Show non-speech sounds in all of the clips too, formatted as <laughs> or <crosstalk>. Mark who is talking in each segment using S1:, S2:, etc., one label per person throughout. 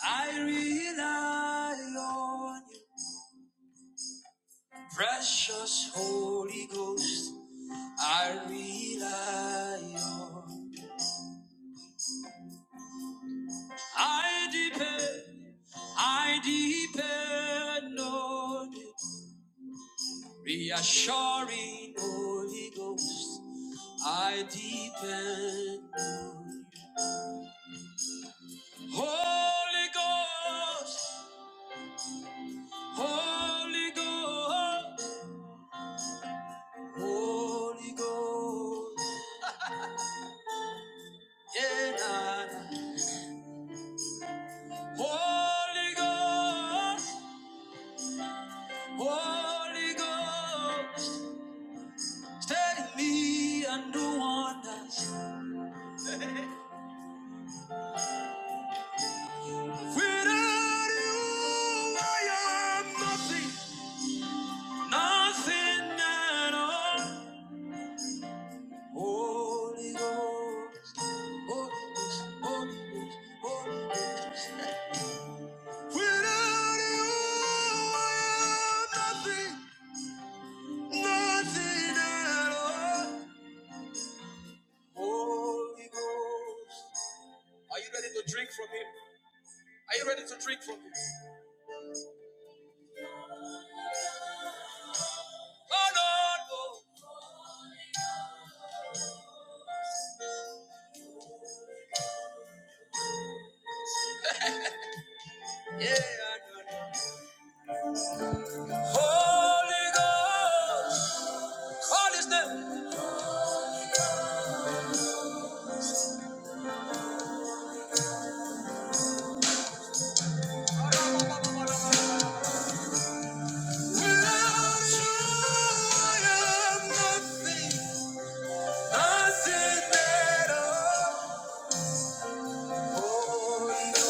S1: I rely on you, precious Holy Ghost. I rely on you. I depend, I depend on you. Reassuring Holy Ghost, I depend on you. Holy Ghost, Holy Ghost, Holy Ghost. Yeah, nah, nah. Holy Ghost, Holy Ghost, stay take me and do wonders. Without you, I am nothing, nothing at all. Holy Ghost, Holy Ghost, Holy Ghost, Holy Ghost. Without you, I am nothing, nothing at all. Holy Ghost. Are you ready to drink from him? Are you ready to drink from this? Oh no, no. Yeah, I know. Holy Ghost, call his name. Without you, I am nothing. Nothing at all. Oh no.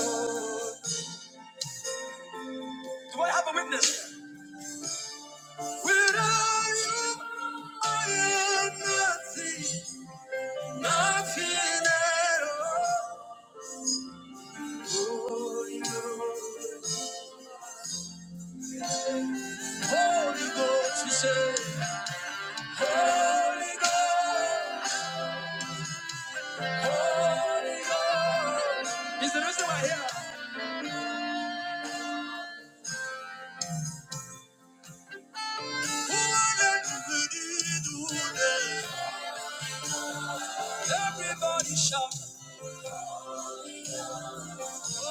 S1: Do I have a witness? Without you, I am nothing. Nothing at all. Oh no. Holy Ghost, we say. Holy Ghost, Holy Ghost. It's the reason why here. Everybody shout. Oh, Holy Ghost. Ah,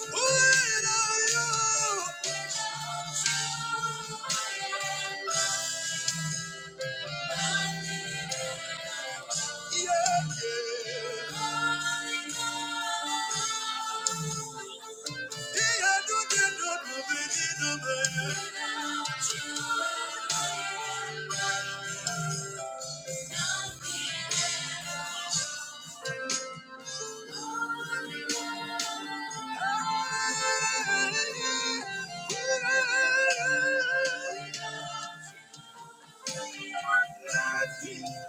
S1: Who are you? Yeah.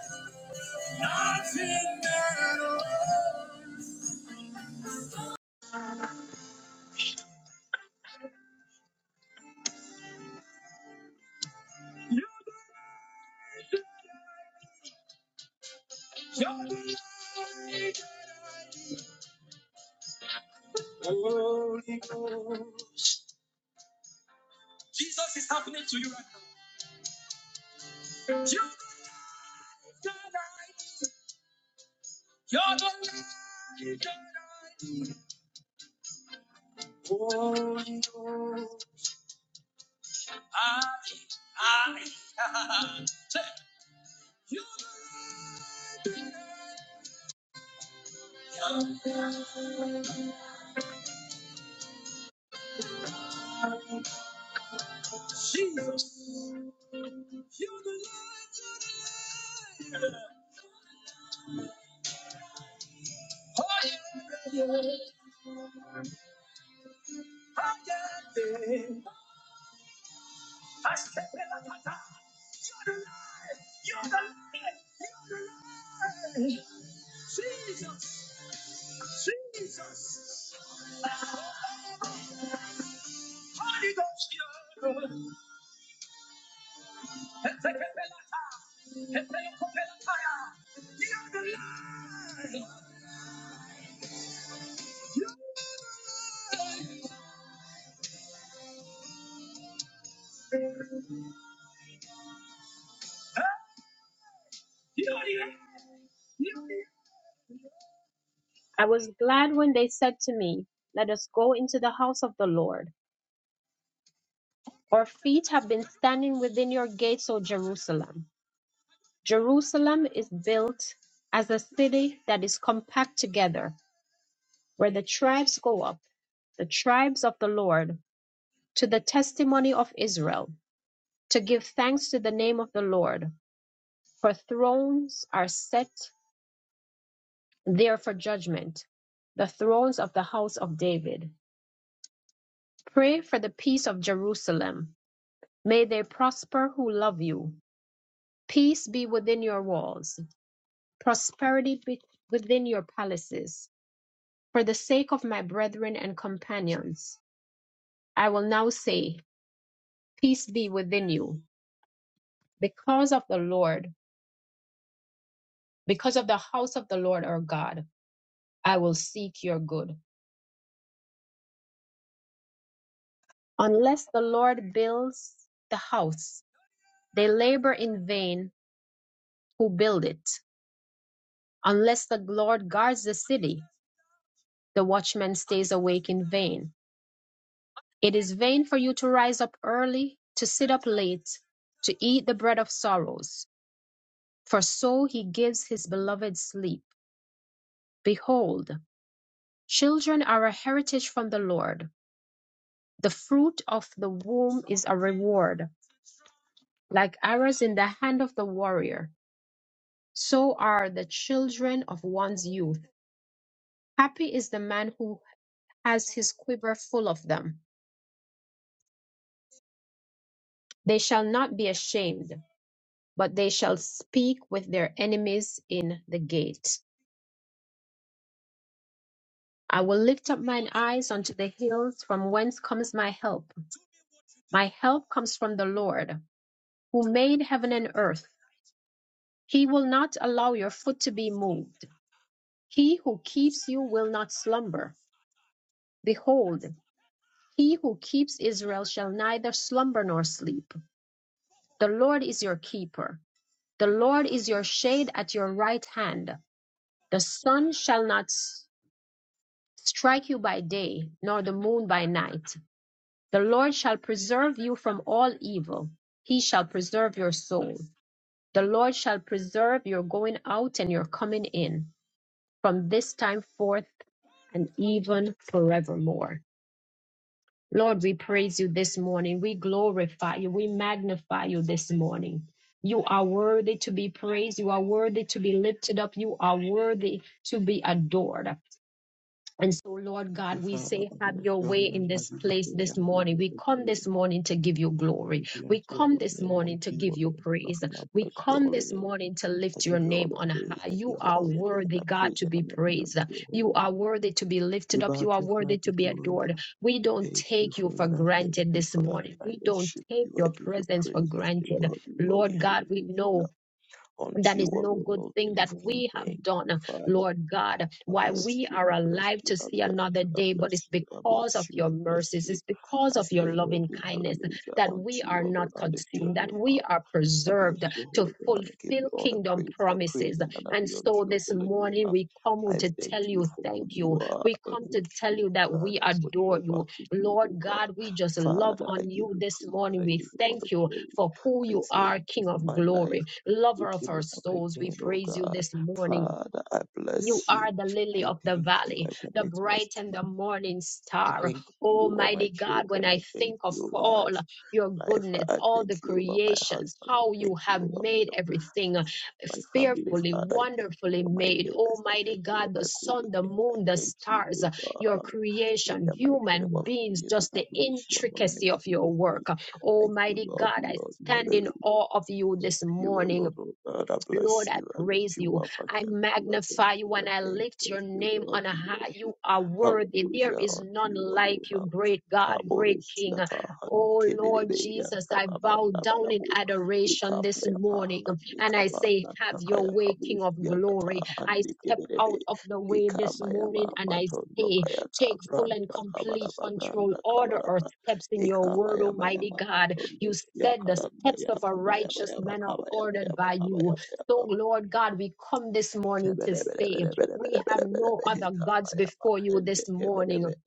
S1: Jesus is happening to you right now. You are the I was glad when they said to me, Let us go into the house of the Lord. Our feet have been standing within your gates, O Jerusalem. Jerusalem is built as a city that is compact together, where the tribes go up, the tribes of the Lord, to the testimony of Israel. to give thanks to the name of the Lord. For thrones are set there for judgment, the thrones of the house of David. Pray for the peace of Jerusalem. May they prosper who love you. Peace be within your walls, prosperity be within your palaces. For the sake of my brethren and companions, I will now say, Peace be within you. Because of the Lord, because of the house of the Lord our God, I will seek your good. Unless the Lord builds the house, they labor in vain who build it. Unless the Lord guards the city, the watchman stays awake in vain. It is vain for you to rise up early, to sit up late, to eat the bread of sorrows, for so he gives his beloved sleep. Behold, children are a heritage from the Lord. The fruit of the womb is a reward, like arrows in the hand of the warrior. So are the children of one's youth. Happy is the man who has his quiver full of them. They shall not be ashamed, but they shall speak with their enemies in the gate. I will lift up mine eyes unto the hills, from whence comes my help. My help comes from the Lord, who made heaven and earth. He will not allow your foot to be moved. He who keeps you will not slumber. Behold, he who keeps Israel shall neither slumber nor sleep. The Lord is your keeper. The Lord is your shade at your right hand. The sun shall not s- strike you by day, nor the moon by night. The Lord shall preserve you from all evil. He shall preserve your soul. The Lord shall preserve your going out and your coming in from this time forth and even forevermore. Lord, we praise you this morning. We glorify you. We magnify you this morning. You are worthy to be praised. You are worthy to be lifted up. You are worthy to be adored. And so, Lord God,
S2: you,
S1: we
S2: Father.
S1: say,
S2: I
S1: have
S2: bless
S1: your
S2: your holy
S1: way
S2: name.
S1: in
S2: I
S1: this
S2: give you
S1: place
S2: praise and
S1: this
S2: I give you
S1: morning.
S2: all
S1: We
S2: the
S1: come
S2: glory.
S1: this morning to give you
S2: All
S1: glory.
S2: Glory be unto
S1: We
S2: your
S1: come
S2: holy
S1: this
S2: name.
S1: morning
S2: Unto
S1: to
S2: you
S1: give you
S2: alone,
S1: praise.
S2: nothing. I
S1: We
S2: bless your
S1: come
S2: holy
S1: this
S2: name.
S1: morning to
S2: I
S1: lift your
S2: give you all
S1: name
S2: the
S1: on
S2: praise.
S1: high.
S2: I
S1: You
S2: give you
S1: are
S2: all the
S1: worthy,
S2: honor.
S1: God,
S2: Praise
S1: to
S2: and
S1: be
S2: honor be
S1: praised.
S2: unto your holy
S1: You are
S2: name.
S1: worthy to be
S2: You
S1: lifted up.
S2: bow
S1: You are
S2: to fly,
S1: worthy
S2: be
S1: to be adored.
S2: glorified.
S1: We don't
S2: Thank you,
S1: take you for
S2: Father. Thank
S1: granted
S2: you,
S1: this
S2: Father.
S1: morning.
S2: I
S1: We don't
S2: worship
S1: take
S2: you. I
S1: your
S2: give you
S1: presence for
S2: praise as the
S1: granted.
S2: worthy, worthy.
S1: Lord God, we know
S2: Hallelujah. Unto
S1: that
S2: you
S1: is no
S2: alone,
S1: good
S2: O
S1: thing
S2: King of
S1: that
S2: Kings.
S1: we
S2: Thank
S1: have
S2: you,
S1: done,
S2: Father.
S1: Lord God,
S2: I
S1: why
S2: bless
S1: we
S2: you, I
S1: are
S2: bless
S1: alive
S2: you,
S1: to
S2: I
S1: see
S2: bless
S1: another
S2: you, I
S1: day, but it's
S2: bless you, I
S1: because of
S2: bless you,
S1: your
S2: I bless
S1: mercies,
S2: you,
S1: it's because
S2: I
S1: of
S2: say
S1: your loving
S2: worthy,
S1: kindness
S2: hallelujah,
S1: that we
S2: unto you,
S1: are
S2: O Lord.
S1: not
S2: I lift your
S1: consumed, that
S2: name
S1: we
S2: up.
S1: are
S2: I bless
S1: preserved
S2: your
S1: to
S2: holy name and I give you
S1: fulfill
S2: all the
S1: kingdom
S2: praise. I
S1: promises.
S2: praise and honor
S1: And
S2: be unto
S1: so
S2: your
S1: this
S2: holy name.
S1: morning we come
S2: I
S1: to
S2: thank
S1: tell
S2: you
S1: you
S2: for who
S1: thank you.
S2: you are
S1: We
S2: and
S1: come to
S2: what
S1: tell
S2: you
S1: you that
S2: have done
S1: we
S2: and what
S1: adore
S2: you're
S1: you.
S2: about to do, O
S1: Lord
S2: God.
S1: God, we just love
S2: Father, I
S1: on
S2: give
S1: you
S2: you
S1: this
S2: praise and
S1: morning.
S2: I
S1: We
S2: give you all the
S1: thank you
S2: glory.
S1: for who
S2: I
S1: you are,
S2: thank you
S1: King
S2: for
S1: of
S2: my life.
S1: glory, lover of
S2: Waking me
S1: our
S2: up
S1: souls. We
S2: again, O
S1: praise you
S2: God.
S1: this morning.
S2: Father, I
S1: You
S2: bless you.
S1: are the
S2: I
S1: lily of the
S2: thank you.
S1: valley,
S2: I
S1: the
S2: commit my,
S1: bright and
S2: my
S1: the morning
S2: I
S1: star.
S2: thank you over my
S1: Almighty God, when
S2: children.
S1: I
S2: I thank
S1: think of
S2: you over my
S1: all
S2: f-
S1: your
S2: life.
S1: goodness,
S2: I
S1: all
S2: thank
S1: the
S2: you over my
S1: creations,
S2: husband. I
S1: how you
S2: thank you
S1: have
S2: over my,
S1: made everything uh,
S2: my family,
S1: fearfully,
S2: Father. I thank you
S1: wonderfully
S2: over my
S1: made.
S2: neighbors. I
S1: Almighty
S2: thank you over
S1: God, the
S2: my
S1: sun, the
S2: co-workers. I
S1: moon, the
S2: thank you,
S1: stars,
S2: oh
S1: uh, your
S2: God. In
S1: creation,
S2: the mighty name
S1: human
S2: of
S1: beings,
S2: Jesus,
S1: just
S2: I
S1: the
S2: bless your holy name.
S1: intricacy
S2: I
S1: of
S2: give
S1: your
S2: you praise.
S1: work.
S2: I say,
S1: Almighty
S2: well, be
S1: God, I
S2: well, be
S1: stand in
S2: hallelujah.
S1: awe of you
S2: God,
S1: this
S2: you
S1: morning.
S2: alone, oh God, I bless
S1: Lord, I
S2: you. I lift
S1: praise
S2: you
S1: you.
S2: up. I
S1: I
S2: thank you. I thank
S1: magnify
S2: you.
S1: you
S2: I
S1: and I
S2: thank
S1: lift
S2: you. I
S1: your
S2: say,
S1: name
S2: well,
S1: on
S2: do
S1: high.
S2: you be.
S1: You are worthy. There
S2: Hallelujah
S1: is
S2: unto
S1: none
S2: you alone.
S1: like you,
S2: Now.
S1: great God, great
S2: Kaboros
S1: King.
S2: yata handi
S1: Oh Lord
S2: kebelebe
S1: Jesus,
S2: yanta
S1: I bow
S2: kabanda
S1: down in
S2: balabo.
S1: adoration
S2: Ikapa
S1: this
S2: yapa
S1: morning
S2: handi
S1: and I say,
S2: kabanda
S1: Have your
S2: takaya
S1: way, King
S2: kabos
S1: of
S2: yata ta
S1: glory. I
S2: handi
S1: step
S2: kebelebe.
S1: out of the way this
S2: Ikama
S1: morning
S2: yama
S1: and I
S2: matondo
S1: say,
S2: kayata
S1: Take full and
S2: branda
S1: complete
S2: kabalaba
S1: control.
S2: branda
S1: Order our
S2: kabalaba.
S1: steps in your word, Almighty
S2: Ikabayabayama,
S1: God. You
S2: Matondos,
S1: said the steps
S2: Yakadanaya,
S1: of a righteous
S2: Kabayabayama,
S1: man are ordered
S2: Kabayabayama,
S1: by you.
S2: Kabayabayama,
S1: So, Lord God, we come this morning to
S2: Ikapaya
S1: say we have no other gods before you
S2: Handi
S1: this morning.
S2: kebelebelebe,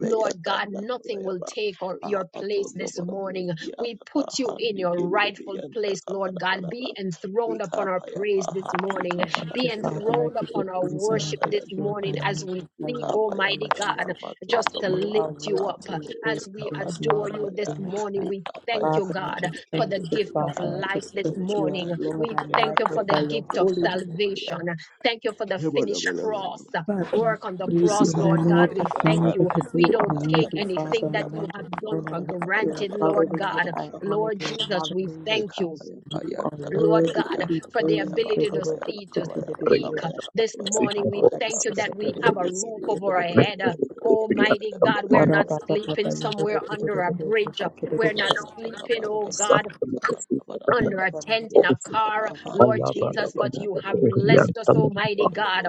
S1: Lord God, nothing will take or your place this morning. We put you in your rightful place, Lord God. Be enthroned upon our praise this morning.
S3: Thank you,
S1: Be
S3: Father. I
S1: enthroned
S3: give you
S1: upon our
S3: praise and
S1: worship
S3: I lift
S1: this
S3: you up. I
S1: morning as
S3: magnify
S1: we
S3: your
S1: seek,
S3: name,
S1: Almighty God,
S3: Jesus.
S1: just to
S3: You are
S1: lift you
S3: worthy
S1: up.
S3: to be
S1: As
S3: praised, and
S1: we
S3: there is none
S1: adore you
S3: like
S1: this
S3: you, mighty
S1: morning,
S3: God.
S1: we thank you,
S3: Father, I
S1: God,
S3: just
S1: for
S3: thank
S1: the
S3: you,
S1: gift of
S3: Father. I
S1: life
S3: just
S1: this
S3: lift you up,
S1: morning.
S2: handi kebelebelebe, handi
S3: Lord.
S1: We
S3: I
S1: thank you
S2: kebelebelebe
S1: for the
S3: magnify your
S1: gift of
S3: holy
S2: yatanda
S3: name.
S2: kaya
S1: salvation. Thank you for the
S2: Hebona
S1: finished
S2: bona bona
S1: cross
S2: bona.
S3: Father,
S1: work on
S3: I
S1: the
S3: praise you
S1: cross,
S3: and
S2: Ekaba
S1: Lord
S3: I
S2: yaba
S1: God. We
S2: yaba
S3: magnify
S1: thank
S3: you
S2: hande
S1: you.
S3: because you
S2: bele
S1: We
S3: are
S1: don't
S2: bele.
S1: take
S3: worthy,
S2: Kabla
S3: Father.
S2: nasi
S1: anything
S3: I
S1: that
S2: yaba
S1: you have
S3: magnify
S2: tondo
S1: done
S3: and I
S1: for
S2: kabana
S3: lift
S2: bana
S3: you
S2: bana
S3: up.
S1: granted,
S2: bana bana
S1: Lord
S2: bana
S3: Hallelujah.
S1: God.
S2: bana
S3: I
S2: bana.
S3: honor
S1: Lord
S3: you.
S1: Jesus, we
S3: Hallelujah.
S1: thank you,
S2: Ekaba yaba
S3: You are
S2: yanta da
S1: Lord
S3: worthy
S2: kaya
S3: to
S1: God,
S3: be
S2: yanta
S1: for the
S2: kaba
S3: praised.
S2: yaba
S3: O
S1: ability to
S2: kaba
S3: Lord of
S2: yaba
S1: see, to
S3: Jesus,
S2: kaba
S3: you
S4: Yeah,
S2: yaba
S1: speak
S4: but
S2: kaba yaba
S1: this
S2: kaba yaba
S1: morning.
S2: kaba
S1: We
S4: we
S2: yaba.
S1: thank you that we
S2: Bele
S1: have a roof
S2: bele bele
S1: over our
S2: bele bele bele
S1: head.
S2: bele bele bele bele
S1: Almighty
S2: bele bele bele bele
S1: God, we're not sleeping
S2: bele bele
S1: somewhere
S2: bele
S1: under
S2: bele.
S1: a bridge.
S2: Patondo
S1: We're not
S2: kaya
S1: sleeping, oh
S2: takabanda bana
S1: God,
S2: bana kabanda bana bana.
S1: under a tent, in a
S2: Yantakaba
S1: car,
S2: andi
S1: Lord Jesus,
S2: kebelebe
S1: but you
S2: andi
S1: have
S2: kebelebe
S1: blessed us,
S2: andi
S1: Almighty
S2: kebelebe
S1: God.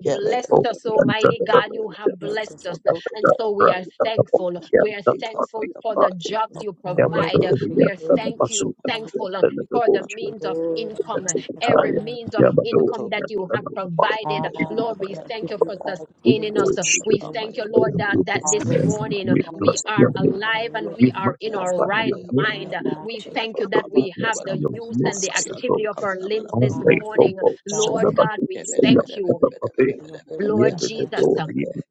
S1: Blessed us, Almighty God. You have
S2: kebelebelebelebelebelebe
S1: blessed us.
S2: matondo
S1: And
S2: kaya
S1: so we are
S2: kaya
S1: thankful.
S2: kaya
S1: We are
S2: ikapa
S1: thankful for
S2: yapa
S1: the jobs you
S2: ikapa
S3: are
S2: yapa
S3: worthy
S1: provide.
S3: to be
S2: andi
S1: We are thank
S2: kabanda
S3: praised.
S1: you,
S2: bana
S3: Hallelujah,
S1: thankful uh,
S2: andi
S1: for the
S2: kabanda
S1: means of
S2: bana
S3: Lord, I
S2: andi
S1: income
S3: magnify
S2: kabanda
S1: every
S3: and
S2: bana
S1: means of income
S2: matondo
S1: that you
S2: bana
S1: have
S2: bosi
S3: I
S1: provided.
S2: yakaba yanda
S1: Lord,
S3: lift up, and
S1: we
S3: I
S2: kaya
S1: thank
S3: give
S1: you
S2: kaba
S3: you
S1: for
S3: all
S2: yanda
S3: the
S2: kaya
S1: sustaining
S3: praise and
S1: us.
S4: were
S3: all the
S4: still
S1: We
S2: ikama
S1: thank
S3: glory.
S1: you,
S2: yama
S1: Lord,
S4: doing
S2: yama
S1: that, that
S4: this, you
S1: this
S3: Hallelujah.
S2: matondo
S4: know,
S1: morning
S4: we
S2: kabanda bana
S1: we
S3: Hallelujah.
S4: plus
S2: bana
S4: the
S1: are
S4: other
S3: You
S2: kabanda
S3: are
S1: alive and
S2: bana
S1: we
S3: worthy,
S4: We
S1: are in
S2: yaba
S3: Father.
S1: our
S4: magnify
S2: yaba
S1: right
S4: your name
S3: My
S1: mind.
S4: with
S3: God,
S1: We
S3: you
S1: thank you
S4: the
S1: that we have
S4: goodness
S1: the
S4: and your
S3: are the
S1: use and
S3: Father.
S1: the
S4: mercies of God.
S1: activity of our limbs
S4: All
S1: this
S4: the
S1: morning.
S4: hopes
S3: God, God,
S4: and
S3: I
S4: the
S1: Lord
S3: lift
S1: God,
S4: battles
S1: we
S4: of
S2: bele
S4: your
S1: thank
S2: bele bele bele
S1: you.
S2: bele bele
S4: Tadabate,
S2: bele
S3: you up and I magnify your
S2: bele bele
S3: holy
S2: bele
S4: yet
S1: Lord
S3: and
S4: the
S3: matchless.
S1: Jesus,
S2: bele
S4: glory and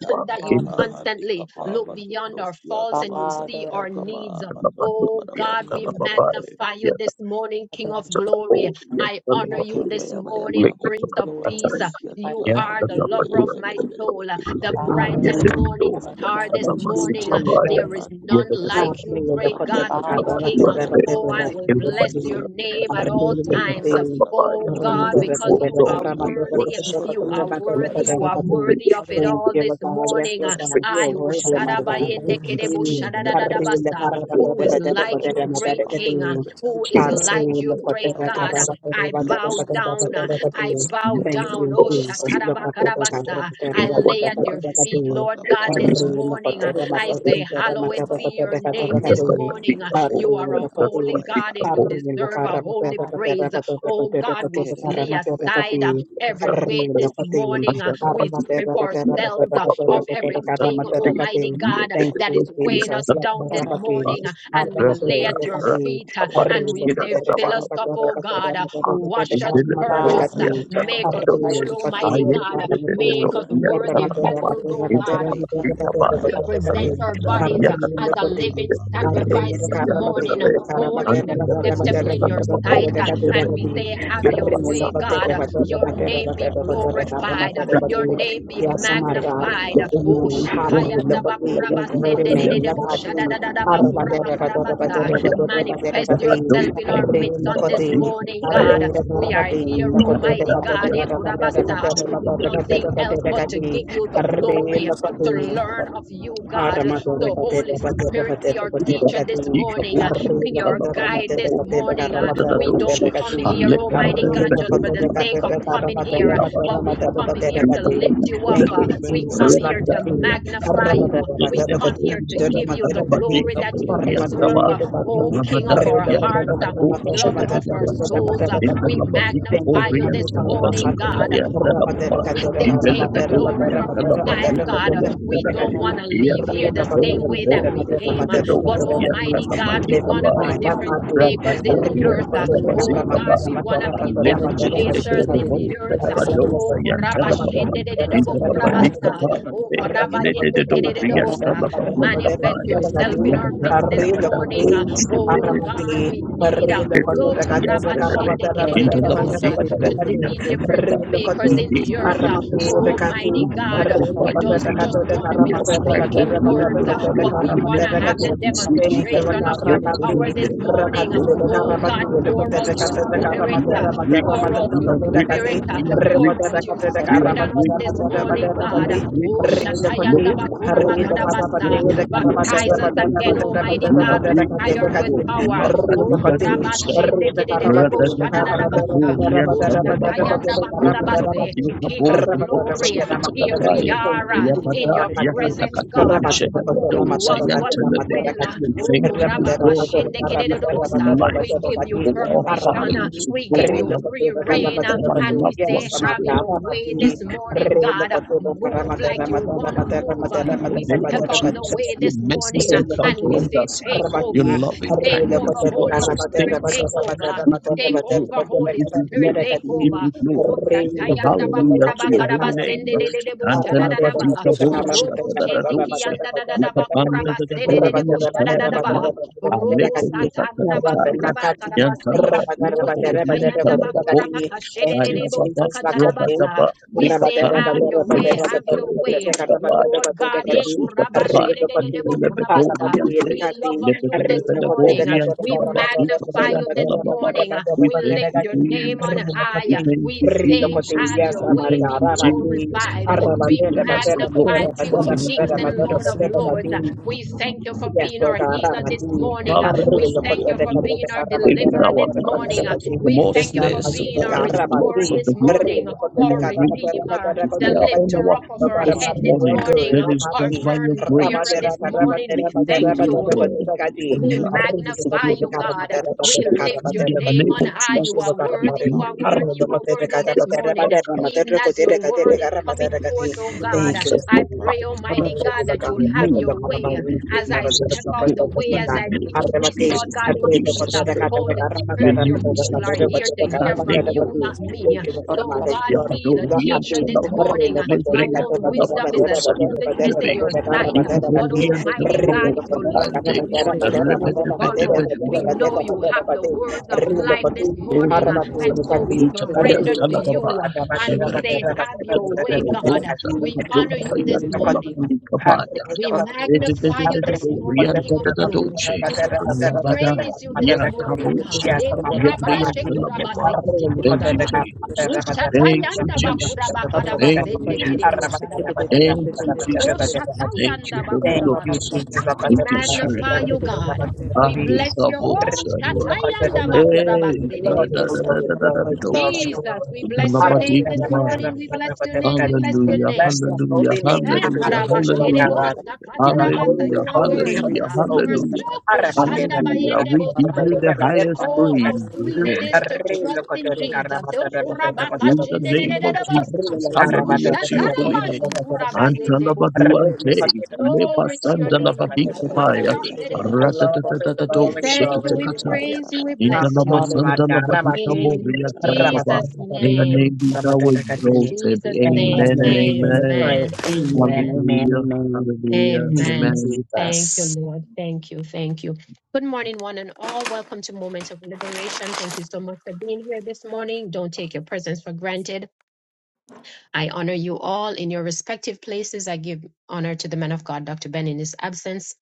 S1: <clears throat>
S3: name.
S1: that you
S4: in
S2: yapa
S4: the
S3: Hallelujah.
S2: handi
S1: constantly
S2: kapa
S1: look
S3: Hallelujah.
S1: beyond our
S2: batodos, yaka
S1: faults and you
S2: banda,
S1: see
S3: Father, I
S1: our
S3: bless
S2: yaka
S3: you
S1: needs.
S2: ba batondo
S4: Labadori
S1: Oh
S2: barabo,
S4: and
S3: by
S1: God, we
S3: you,
S2: kabanda
S4: Talababa,
S2: bele
S3: Jesus.
S1: magnify you
S4: yet the
S1: this morning, King
S3: Father,
S1: of
S3: I thank
S1: glory.
S3: you.
S4: glory
S3: My God,
S4: and
S1: I honor
S3: I give
S4: Talababa,
S1: you
S3: you
S1: this
S3: praise.
S2: Yantakabayaba,
S3: I give
S1: morning,
S4: like
S2: Yantakabayaba,
S4: the
S3: you
S1: Prince of
S3: glory.
S2: Kamandabarabu,
S1: peace.
S4: Kataya,
S3: Mighty
S1: You
S4: yet
S3: God, I
S1: are
S2: Yakayantakabaraba,
S4: the
S1: the
S2: bele
S3: give you
S1: lover
S2: bele
S3: all
S1: of
S3: the
S4: Labador
S1: my
S2: bele
S3: honor.
S4: and
S2: bele
S1: soul, the
S4: Talababa,
S2: Yakamanda,
S1: bright
S3: Father, I
S4: yet
S1: and
S3: thank
S4: the
S5: Hallelujah.
S1: morning
S3: you,
S4: glory
S3: mighty
S4: and
S1: star
S3: God,
S1: this
S5: Thank
S3: that
S5: you,
S3: you
S4: Talamasi
S1: morning.
S3: are
S2: Yakamaba, Tondabarabu, Kamandabaye. Ikabayabayaba, Batondabarabu, Yatata, Handik, Ebelebelebelebelebe. Ikapayapayabayaba,
S3: worthy.
S2: Handikabaraba,
S4: Babaya,
S5: Jesus.
S1: There
S2: Handikabaraba,
S3: and
S1: is
S3: I
S4: yet
S1: none
S4: the
S3: lift
S2: Handikabaraba.
S3: you
S1: like
S3: up.
S1: you,
S5: Hallelujah. The
S1: great
S5: Kote
S1: God,
S2: Matondo,
S1: great
S3: Father,
S5: Karama
S3: I
S2: Kayanta,
S1: King.
S4: Labador and
S5: Terra
S2: Kayaka,
S1: Oh,
S5: Terra
S1: I
S3: magnify
S1: will
S3: you.
S2: Kamandas,
S1: bless
S3: Hallelujah.
S1: your
S4: Talababa,
S1: name
S2: Yayakadaya,
S1: at
S4: We
S1: all
S5: Hallelujah. The
S4: proclaim
S1: times.
S5: Kote
S4: the
S2: kabara
S3: Jesus.
S2: bara bara
S4: Messiah.
S1: Oh
S2: bara bara bara
S5: Karama
S1: God,
S5: Terra
S1: because
S3: Hallelujah.
S2: bara
S4: Grateful
S5: Terra
S1: you
S4: God,
S2: ay
S1: are
S5: Karama
S4: we
S2: kabaya
S5: Terra
S1: worthy.
S3: I
S2: baya
S4: worship,
S2: ba
S3: will
S1: You are
S2: ande
S4: we
S3: glorify
S2: kabara
S1: worthy.
S3: you.
S4: must
S1: You
S5: Terra Terra
S1: are
S4: be
S2: ba
S4: the
S1: worthy of it
S3: Hallelujah.
S5: Thank
S1: all
S5: you,
S1: this
S5: Lord God.
S4: such
S5: Yes,
S1: morning.
S5: Lord
S1: Uh,
S4: as
S2: mas
S5: God. You
S2: tutu
S1: I
S5: are
S2: ka
S4: fixing
S1: who
S5: worthy,
S2: ande
S5: my
S3: Father,
S5: God.
S2: kebele
S4: with
S3: I
S2: bele
S1: shadabayende
S2: be
S3: thank
S5: Thank
S3: you.
S4: goodness
S1: kedebo
S2: ande
S5: you.
S4: and
S2: kebele be
S3: I lift
S4: mercy,
S2: ande
S5: Hallelujah.
S3: you
S1: shadadadadabasa.
S5: Karama
S2: kebele
S3: up.
S2: be
S4: with
S1: Who is
S5: Terra
S4: love
S2: ande
S4: and
S5: Terra Terra
S1: like
S2: kebele
S1: your
S2: be
S3: Lord,
S4: kindness,
S5: Terra
S3: you
S1: great
S2: ande
S3: are
S1: King?
S3: worthy
S1: uh,
S2: kebele be
S3: to be
S1: Who
S2: ande
S1: is
S4: kings
S3: praised.
S2: kebele
S4: and the
S2: be
S1: like your
S5: Hallelujah.
S4: Lord
S3: Mighty
S5: Kote
S4: of
S1: great
S3: God, there
S2: kabron
S1: God? Uh,
S2: bu
S4: Son,
S5: Karama Terra
S3: is none
S1: I
S5: Terra
S4: we
S2: yan
S1: bow
S3: is
S4: exalt the
S2: takana
S4: nations
S5: Terra
S2: ka
S1: down.
S4: of
S1: uh,
S4: the
S5: Terra
S2: yan
S1: I
S3: the
S4: purpose,
S2: takana
S3: first
S2: ka
S1: bow
S3: to
S4: not
S3: the
S5: Thank
S4: the
S2: kabara
S3: beginning
S1: down.
S5: you,
S3: of
S1: Oh,
S4: God of
S2: bara
S3: this.
S2: bara
S5: Jesus.
S4: the
S5: Look at
S4: Lord of
S2: kabara
S4: the
S2: bara
S1: shatarabakarabasa. I
S4: in our
S1: lay
S2: matot
S1: at your
S2: bakaya
S4: lives, in
S1: feet,
S5: the
S2: kabara
S1: Lord
S4: our
S2: bara
S1: God,
S2: be
S1: this
S5: Thank
S3: Father,
S4: destinies,
S2: ya
S3: this
S5: you,
S1: morning. uh,
S3: is
S2: Kabaya,
S3: the
S2: ba
S1: I say,
S3: beginning of
S2: kabaya
S3: this.
S1: Hallowed
S2: ba
S3: Father,
S1: be your
S2: ba
S3: I
S4: and
S1: name
S4: the
S1: this
S2: bohande
S3: magnify you. Lord,
S1: morning. uh,
S4: Babatika
S2: kebele be
S4: Boy,
S1: You are a
S4: and the Lord
S1: holy
S4: of
S2: kabaya
S1: God
S4: the
S1: and you
S4: Lord,
S1: deserve a holy
S3: I thank
S1: praise. Uh, Oh, God, we
S2: Father,
S1: lay aside. uh, every weight this morning. uh, we strip ourselves uh, of everything, Almighty God, that is weighing us
S5: Jesus.
S1: down this morning. uh,
S2: yes, Lord,
S1: and we
S3: you.
S2: yes,
S3: Father,
S1: lay
S3: I
S2: Lord,
S1: at
S3: thank
S1: your
S2: yes, Lord, I
S1: feet uh,
S2: thank
S1: and
S3: you.
S2: you.
S1: we
S2: I lift
S1: say,
S2: you
S1: Fill
S2: up,
S1: us
S2: O
S1: up, oh
S2: God.
S1: God. uh,
S2: I lift
S1: wash
S2: you
S1: us,
S2: up, O God.
S1: purge us,
S2: I
S3: Father,
S1: uh,
S3: I
S2: lift you
S1: make
S2: up,
S1: us
S2: O
S3: magnify
S1: whole,
S3: you,
S2: God. I
S1: Almighty
S2: lift you
S1: God. uh,
S2: up, O
S5: Arri,
S1: make
S2: God. I
S1: us
S2: lift
S5: Yes,
S2: you
S1: worthy
S2: up, O
S1: vessels,
S2: God.
S1: oh God. uh,
S2: Ikaya padat
S1: we
S2: nakaya
S1: present our
S2: brand
S1: bodies uh, as
S2: nasya
S1: a
S2: tukam
S1: living sacrifice this
S2: ham
S1: morning, uh, holy and
S4: Antena
S1: acceptable
S4: betuan
S1: in
S2: Matondo
S4: sama
S1: your
S4: bapak,
S1: sight.
S2: kubanda
S1: uh,
S4: jadi
S2: baraba
S1: And we say,
S2: ikama
S1: Have
S2: yaba
S1: your
S4: lepas
S1: way,
S4: sama
S2: ikama
S1: God. uh,
S2: yaba
S1: Your
S2: ikama
S1: name be
S2: yaba ikama yaba
S1: glorified. uh, Your
S2: ikama
S1: name
S2: yaba
S1: be
S5: my
S2: endi
S5: God
S1: magnified. uh,
S2: kabaraba
S1: Oh,
S5: the
S2: endi kabaraba
S1: Shakayanda Bakuraba
S2: endi
S1: Sende de
S2: kabaraba
S1: de
S5: name.
S1: de bo
S2: endi
S1: shada
S2: kabaraba
S5: Father,
S2: endi
S1: bakuraba
S2: kabaraba
S1: karabasa.
S5: we
S2: mantu
S1: Manifest
S5: Pati
S2: kabaraba
S1: yourself in our
S5: at
S2: ikama
S1: midst on
S2: yaba
S1: this
S2: ikama
S1: morning,
S5: we
S2: yaba
S1: God. We
S2: ikama
S1: are
S2: yaba
S1: here,
S5: remember
S1: Almighty
S2: pande
S1: God. eh,
S4: Thank
S2: kubele bele bele bele
S1: kurabasa,
S2: bele
S1: Nothing
S2: bele
S1: else but
S2: bele
S1: to
S2: bele
S1: give you
S2: yata
S1: the
S5: her name.
S1: glory
S2: kabanda
S5: Let her
S1: to
S5: be.
S2: baraba ya
S1: learn of
S2: kabanda
S1: you,
S2: baraba
S1: God.
S2: ya
S5: Arramatorre
S1: So,
S5: patera
S2: kabanda
S1: Holy
S5: patera
S2: baraba
S1: Spirit, be
S5: patera
S1: our
S2: Thank
S5: patera
S1: teacher this
S5: cati.
S1: morning, uh, be
S5: Arriba
S1: our
S5: patera
S1: guide
S5: matera
S1: this
S5: patera
S1: morning.
S5: carra
S1: uh.
S5: matera
S1: We don't
S5: patera
S1: come
S5: cati.
S1: here, Almighty God,
S5: Arriba
S1: just for the
S5: patera
S1: sake of
S5: carra carra
S1: coming here,
S5: matera
S1: uh,
S4: you.
S5: matera
S1: but we
S5: matera
S1: come
S5: patera
S1: here to
S5: cati.
S1: lift you up.
S5: Thank
S1: uh.
S5: you,
S1: We
S4: Rabadorian
S1: come
S5: Jesus.
S1: here
S5: Lucky
S1: to
S5: thing.
S1: magnify you.
S5: Arramatera
S1: We
S5: patera
S1: come
S5: patera
S1: here to
S5: matera
S1: give you
S5: matera
S1: the
S5: cati.
S1: glory that you
S5: Arramatorre
S1: deserve, uh, O
S5: patera.
S1: King of our
S5: Arriba
S1: hearts.
S5: patera
S1: uh,
S5: carra matera
S1: Lover of
S5: matera
S1: our
S5: matera
S1: souls, uh.
S5: matera
S1: we
S5: cati. Thank
S1: magnify
S5: you,
S1: you
S5: Happy
S1: this
S5: Father.
S1: morning,
S5: Happy.
S1: God.
S5: Arramatera patera
S1: We they
S5: carra
S1: take the
S5: Arriba,
S1: glory from our lives, God. Uh, We don't want to leave here the same way that we came. uh, But
S2: you.
S1: Almighty God,
S2: Thank
S1: we want to be difference makers in the earth. uh, Oh
S4: Talabazika
S1: God,
S3: Jesus.
S1: we want to be devil chasers in the earth. uh, Oh Kurabashendedededebo Kurabasa, Oh Kurabayendekedededebosa. Manifest yourself in our midst this morning. uh, Oh God, we need uh,
S4: Into
S1: so
S5: Thank
S1: Kurabashendekedededebosa
S4: Lamatic,
S1: to di-
S4: Bohi and
S1: be difference
S4: Panamata. We
S1: makers in
S4: hail
S1: the
S4: the
S1: earth. uh,
S4: name this morning. We
S1: Almighty God, uh,
S4: magnify
S1: we
S4: your
S1: don't
S4: name.
S1: just want to
S4: We
S1: be
S4: ascribe
S1: speaking
S4: all glory
S1: words,
S4: to
S1: uh,
S4: your
S1: but we
S4: holy
S1: want
S4: name.
S1: to have the
S4: We say, These are
S1: demonstration of your
S4: exalted, O
S1: power this
S4: God.
S1: morning. Uh,
S4: Your
S1: Oh
S4: goodness
S2: you.
S1: God,
S4: and your
S1: pour out
S4: mercy,
S1: your
S4: so
S2: Father, we
S4: God.
S1: spirit,
S4: We
S1: uh,
S4: are
S1: pour
S4: grateful.
S1: out
S4: We
S1: your
S4: are
S1: spirit,
S4: grateful.
S1: uh,
S4: We are
S1: pour out
S4: grateful.
S1: your
S4: We
S1: spirit
S4: are
S1: on us this
S4: grateful, God.
S1: morning,
S4: We
S1: God.
S4: are
S1: Oh,
S4: grateful, Lord,
S1: Shatayanda
S4: for
S1: Bakura
S4: calling us to God
S1: Bakadabasa,
S4: unto
S1: baptize
S4: yourself,
S1: us
S4: O
S1: again,
S4: God.
S1: Almighty
S4: We are
S1: God, with
S4: grateful,
S1: fire
S4: Lord
S1: and with
S5: you.
S4: God.
S2: thank
S1: power.
S2: you.
S5: Yes,
S2: I bless
S1: Oh,
S2: you. Yes,
S1: Kuraba
S2: Lord,
S4: Makadibadosaya.
S2: yes,
S1: Shende
S2: Lord, I
S1: Kidedebo
S2: bless you. I bless you.
S1: Shadadadabasa.
S2: I bless
S1: Oh,
S2: you.
S1: Sakayanda
S4: Radadadadadadoriantalamabas.
S2: Lord, you are the
S1: Bakurabase, King
S2: hallelujah.
S1: of glory,
S2: Thank you, O
S1: here
S2: Lord,
S1: we
S4: Indalabatinkaborobonseketsekataya.
S2: King of
S1: are
S2: Kings. You
S1: uh,
S2: deserve
S1: in
S2: the
S4: Yabada,
S1: your
S2: glory. You
S1: presence,
S2: deserve the
S1: God.
S2: honor.
S1: uh,
S2: I praise and
S1: Do
S2: honor
S1: to
S2: be
S1: us
S2: unto
S1: what
S2: you, O
S1: you
S2: Lord,
S4: yakatakatonshedabadosayantalabe.
S1: will.
S2: King
S1: uh,
S2: of
S4: We
S2: Kings.
S1: Oh,
S4: thank you, Lord
S2: Thank you,
S4: God,
S2: O
S4: for
S2: Lord,
S4: the
S2: Lord,
S4: gift
S2: Father.
S4: of
S1: Kurabakashendekededodobosa,
S2: Thank
S4: life
S1: We
S2: you,
S1: give you
S2: Abba,
S4: for
S2: Abba,
S4: our
S2: Abba,
S1: permission.
S2: Tony,
S1: uh,
S4: family,
S2: Abba,
S4: to
S1: We
S2: Lord,
S1: give
S4: God,
S1: you
S4: our
S2: King of
S1: free
S2: Kings, Abba,
S1: reign.
S2: Abba,
S4: children,
S1: uh,
S4: our
S2: Abba.
S1: And we
S4: loved
S1: say,
S4: ones, to
S2: Thank
S1: Have
S5: Amanda,
S4: God.
S1: your way
S5: Ramati,
S1: this morning,
S5: Relo
S1: God.
S5: Kotuba,
S1: Move
S5: Ramata,
S1: like you
S5: Ramata, Ramata,
S1: want to
S5: Ramata,
S1: move.
S5: Ramata,
S1: uh,
S4: In the
S5: Ramata,
S1: We
S4: name
S1: step
S4: of
S5: Ramata,
S1: out the
S4: Jesus,
S1: way
S4: your
S1: this morning
S4: mercies
S1: uh, and
S4: encounter
S1: we
S4: on
S1: say,
S4: us. uh,
S1: Take
S4: Your
S1: over.
S4: loving
S1: Take over,
S4: kindness, oh God,
S1: Holy Spirit.
S4: sustains
S1: Take
S4: us. uh.
S1: over.
S4: We give
S1: Take
S4: you
S1: over,
S4: glory. We
S1: Holy
S4: give you
S1: Spirit,
S4: glory.
S1: take
S4: We give
S1: over.
S4: you glory.
S1: Oh,
S4: We say
S1: Tatayanda
S4: hallelujah
S1: Bakura
S4: to your
S1: Bakaraba
S4: holy name.
S1: Sende de de de
S4: And
S1: Boshadadaba.
S4: Telabadika Bolsa,
S1: Robo Shendi
S4: Dadadadose,
S1: Kianda da da da
S4: Mikabanda,
S1: Bakura Basede de de
S4: Dadadori, and
S1: Boshadadaba.
S4: Telamama.
S1: Robo
S4: Aleko
S1: Satana Bakura
S4: Tatatataya,
S1: Bakarabase.
S2: you.
S4: Yantanabadita
S1: Rosa
S4: Bori, and
S2: Handi
S1: Kayanda Bakura
S4: Telababose,
S1: Bakashede de de
S4: Ayababa,
S1: Bosakatarabasa.
S4: Rabadaba,
S1: We say, have
S4: Likapande,
S1: your way, have
S4: Likasoto,
S1: your way.
S4: Likapaya.
S1: Lord God, eh,
S4: Rasuta Kabai and the
S1: kurabashedededebo kurabasa.
S4: Lebedorian Day,
S1: we love on you this morning.
S4: Lebedorian
S1: We
S3: Orang
S4: Talabazuka
S1: magnify
S4: and
S1: you this
S4: Talamama.
S1: morning.
S4: We
S1: We
S4: thank
S1: lift
S4: you,
S1: your name on
S4: Jesus. We
S1: high.
S4: thank
S1: We
S4: you,
S1: say,
S4: Jesus.
S1: Have your
S4: We
S1: way,
S4: thank
S1: be
S4: you, Jesus,
S1: glorified,
S4: for
S1: be
S4: keeping us from God,
S1: magnified, King of
S4: for
S1: kings and Lord of lords.
S5: Yes,
S1: We thank you for
S5: Yes,
S1: being
S5: Lord
S1: our
S5: God,
S1: healer this
S5: Rabadi,
S1: morning.
S4: love
S5: Arri,
S1: We
S4: ministry
S1: thank
S5: Lokoto,
S1: you for
S4: they
S5: Rekoto,
S1: being
S5: Reka,
S1: our
S5: Rabato,
S4: Saving
S1: deliverer
S4: our
S5: Rabato,
S1: this
S4: lives.
S1: morning.
S4: The
S1: We
S5: Rabadi.
S4: more
S5: There's
S1: thank you
S5: none
S1: for
S5: like
S4: snares of
S5: you,
S1: being
S5: Lord
S4: God
S1: our
S5: God,
S4: and the
S1: restorer
S4: plots of
S5: Rabadi,
S1: this
S4: the wicked,
S5: Arri,
S1: morning,
S5: Lokoto,
S4: we
S1: our
S4: are
S5: Reka, Rabato,
S4: grateful.
S1: redeemer
S5: Rabato,
S4: If
S1: the
S5: Rekoto,
S4: we are on
S1: lifter
S4: our
S1: up of
S4: feet
S5: Lord
S1: our
S5: God,
S4: this
S2: Thank
S1: head
S5: Almighty,
S1: this
S5: you are
S4: morning,
S1: morning,
S5: good,
S4: then it's
S1: our
S4: just
S5: Rabadi,
S4: by your
S1: burden bearer
S4: grace.
S5: Rabate,
S1: this
S4: We
S5: Rabate,
S1: morning.
S4: give
S1: We
S4: you
S5: Rabate, Rabate,
S1: thank
S5: Rabato,
S4: glory,
S1: you.
S5: Rekoto,
S4: God,
S5: Rekati.
S4: for
S1: We
S4: life,
S5: Arri,
S1: magnify
S5: Lokoto,
S4: support,
S1: you,
S4: and
S5: Reka,
S1: God.
S5: Rabato,
S4: keeping us.
S5: Rabato,
S1: We
S5: Reka,
S4: Lord.
S1: lift
S4: In
S1: your
S4: the
S1: name
S4: name
S1: on
S4: of
S1: high.
S5: Thank
S1: You
S5: you,
S4: Jesus,
S1: are
S5: Lord God,
S4: we
S1: worthy,
S5: Almighty.
S1: you
S4: thank
S1: are
S4: you,
S5: Arri,
S4: Lord
S1: worthy, you
S4: God,
S1: are
S5: Lokoto,
S4: that
S1: worthy
S5: Reka,
S1: this
S4: you
S5: Rabato,
S4: have
S1: morning.
S5: Rabato,
S4: overcome
S5: Rabato,
S1: Even as
S5: Rekoto,
S4: the
S1: your
S5: Rekati,
S1: word is
S5: Reka, Rabato,
S1: coming
S4: purpose
S5: Rekati.
S1: forth, oh God,
S5: Thank you,
S4: of
S1: I
S4: your
S5: Lord God.
S4: power
S1: pray, Almighty God,
S4: because of
S1: that you'll have
S4: you.
S1: your way as I
S4: Jesus,
S1: step
S4: oh
S1: out the
S4: God,
S1: way,
S4: in
S1: as
S4: the
S1: I
S4: name of
S1: decrease, Lord
S4: Jesus,
S1: God,
S4: in
S1: increase.
S4: Jesus'
S1: Uh,
S4: name, uh,
S1: Holy
S4: your
S1: Spirit, your
S4: name is
S1: people are here
S4: exalted.
S1: to hear from
S4: Hallelujah.
S1: you, not me. So, God, be the
S4: Yabadori and
S1: teacher this
S4: Telamaba,
S1: morning. Uh, My
S4: Libri and
S1: own wisdom
S4: Telamado,
S1: is as
S4: Sayan
S1: foolishness in
S4: Telebe,
S1: your sight. But
S4: Adibadori and
S1: Almighty God,
S4: Telamabo,
S1: if you lead this
S4: Apande,
S1: morning, we will follow.
S4: Rebedebedebedori
S1: We
S2: you.
S1: know you have the words of life this morning, uh,
S4: and
S1: and
S2: Matondobelebele,
S1: so we
S4: Telamavuta, Ayan
S1: surrender to
S2: yakabandabalebe,
S4: Telamaba,
S1: you uh, and we say,
S2: yakadambe,
S4: Shebreketa,
S1: Have your
S5: Arriba,
S1: way,
S5: Thank
S4: Koro,
S1: God.
S2: yakabandabalebe,
S4: Mota,
S1: We
S4: Amado,
S1: honor you this
S4: Sayan
S1: morning.
S2: mamuhandekebelebe, kebelebe,
S4: Telamabikabaya.
S1: We
S2: kebelebe, kebelebe,
S1: magnify you this
S2: kebelebe,
S1: morning, King of glory.
S4: Yantatatatoshe,
S2: yantakabayelebe,
S3: Orang
S1: We
S4: Alabada,
S1: praise you
S3: Thank
S2: kabandesiyama,
S1: this morning,
S4: Yakaboshe,
S1: God. Eh,
S2: kebelebelebe,
S1: kurabashe,
S4: Yebriyantalababa.
S1: kurabase,
S2: yekelebelebelebe,
S4: Thank you,
S1: kitikundaba.
S4: Jesus.
S2: andekelebelebe,
S4: Thank you,
S1: Ushatayanda
S2: endebelebe,
S4: Jesus.
S1: bakuraba
S2: endebelebe,
S4: Thank you,
S1: karabasende kerebu
S2: endebelebe,
S4: Jesus.
S1: sharabasa.
S4: Thank you,
S1: Oh,
S2: kabandesiye,
S4: Jesus.
S2: yantakaya,
S4: Thank
S1: Shatayanda
S4: you, Holy
S1: bakura
S5: you,
S1: basta.
S4: Ghost.
S5: Jesus.
S2: kabandesiyama,
S1: We
S4: Thank you, Spirit.
S1: magnify
S4: Thank
S1: you,
S4: you.
S2: matondobelebele,
S1: God.
S2: kebelebelebe,
S1: We bless your whole
S4: Arikaboshe.
S1: Shatayanda Bakura Basta
S4: Hey,
S1: de
S4: da
S1: de
S4: da da
S1: Bosha.
S4: da
S5: Glory,
S4: da da da da
S5: glory, glory, glory,
S1: Jesus.
S2: yakabandabalebe,
S5: glory.
S1: We bless your name this
S4: da.
S1: morning. We bless your name. We bless
S5: We
S1: your
S4: Hallelujah,
S5: bless
S1: name.
S5: the
S4: hallelujah,
S5: holy
S1: Eh,
S5: name.
S4: hallelujah,
S1: karabash
S5: Hallelujah, Lord
S4: hallelujah,
S5: God. You are
S1: Ekarabashedebosakatarabasa.
S4: Hallelujah,
S5: holy,
S1: You are
S5: holy,
S1: worthy,
S4: hallelujah,
S1: God.
S5: holy,
S1: You are
S5: holy.
S4: hallelujah,
S1: so
S3: you.
S4: hallelujah. We give
S1: koshandabayendebosa.
S4: you
S3: Hallelujah.
S4: the
S3: You
S4: highest
S3: are
S1: Oh,
S4: praise,
S1: how
S3: worthy.
S1: sweet it
S4: Lord,
S1: is to trust in Jesus. Oh,
S4: in the name of
S1: Okurabakashendedededebosa.
S4: Jesus. Hallelujah to your holy name.
S1: Ushatarabandokuraba
S4: Antalabaduante,
S1: Glory to your name, God.
S4: lebasandalababikabaya,
S1: Harabasedebosha. We
S4: ratatatatatado,
S5: Glory, glory,
S1: thank you,
S5: glory.
S1: we
S4: shekitakataya,
S1: praise you, we
S5: Ah,
S1: bless you.
S5: Doña Marga,
S3: Hallelujah, mighty.
S5: Rabati,
S1: In
S4: intalamasandalabadikaboria,
S5: Rabata,
S4: talababa.
S1: Jesus'
S5: Rabata,
S4: May your
S5: Rabata,
S4: name
S1: name,
S4: be thou
S5: Rabata,
S1: in
S2: Amen.
S5: Rabata,
S4: exalted.
S1: Jesus'
S5: And
S1: name,
S4: Amen
S5: Mario,
S4: and
S5: make us to pray.
S4: amen.
S1: amen,
S5: Amen,
S1: amen,
S5: amen,
S4: Hallelujah,
S5: amen.
S4: hallelujah,
S5: Thank you,
S1: amen.
S4: amen.
S1: Thank
S5: Jesus.
S1: you, Lord. Thank you, thank you. Good morning, one and all. Welcome to Moment of Liberation. Thank you so much for being here this morning. Don't take your presence for granted. I honor you all in your respective places. I give honor to the man of God, Dr. Ben, in his absence.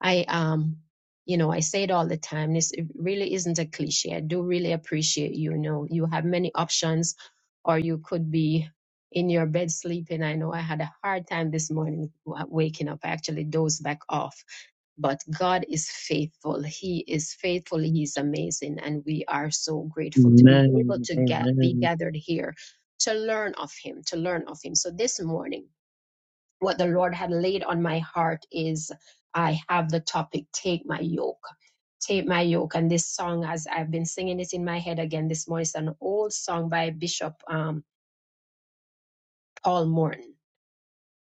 S1: I um, you know, I say it all the time. This it really isn't a cliche. I do really appreciate you. You know, you have many options, or you could be in your bed sleeping. I know I had a hard time this morning wa- waking up. I actually dozed back off. But God is faithful. He is faithful. He is amazing, and we are so grateful to be able
S4: Amen.
S1: to get
S4: Amen.
S1: be gathered here to learn of Him, to learn of Him. So this morning what the Lord had laid on my heart is I have the topic Take My Yoke. Take My Yoke. And this song, as I've been singing it in my head again this morning, it's an old song by Bishop um, Paul Morton.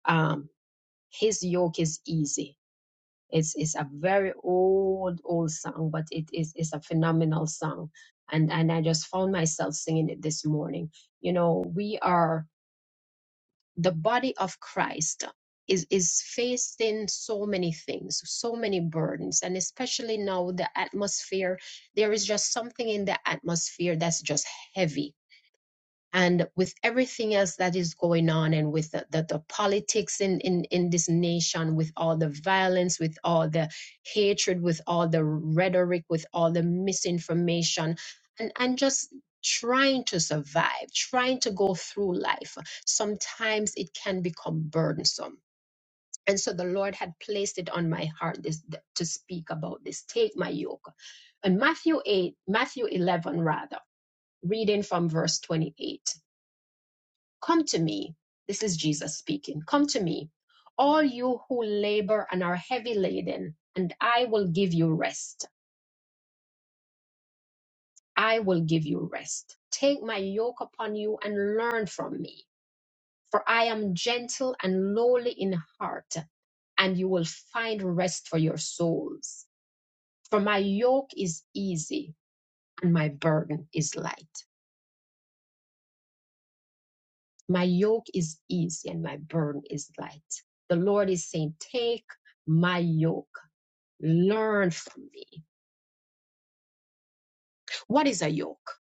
S1: Um, His Yoke is Easy. It's, it's a very old, old song, but it is it's a phenomenal song. And, and I just found myself singing it this morning. You know, we are the body of Christ is, is facing so many things, so many burdens, and especially now the atmosphere, there is just something in the atmosphere that's just heavy and with everything else that is going on and with the, the, the politics in, in, in this nation with all the violence with all the hatred with all the rhetoric with all the misinformation and, and just trying to survive trying to go through life sometimes it can become burdensome and so the lord had placed it on my heart this th- to speak about this take my yoke and matthew 8 matthew 11 rather reading from verse 28 Come to me. This is Jesus speaking. Come to me, all you who labor and are heavy laden, and I will give you rest. I will give you rest. Take my yoke upon you and learn from me, for I am gentle and lowly in heart, and you will find rest for your souls. For my yoke is easy and my burden is light. My yoke is easy and my burden is light. The Lord is saying, Take my yoke. Learn from me. What is a yoke?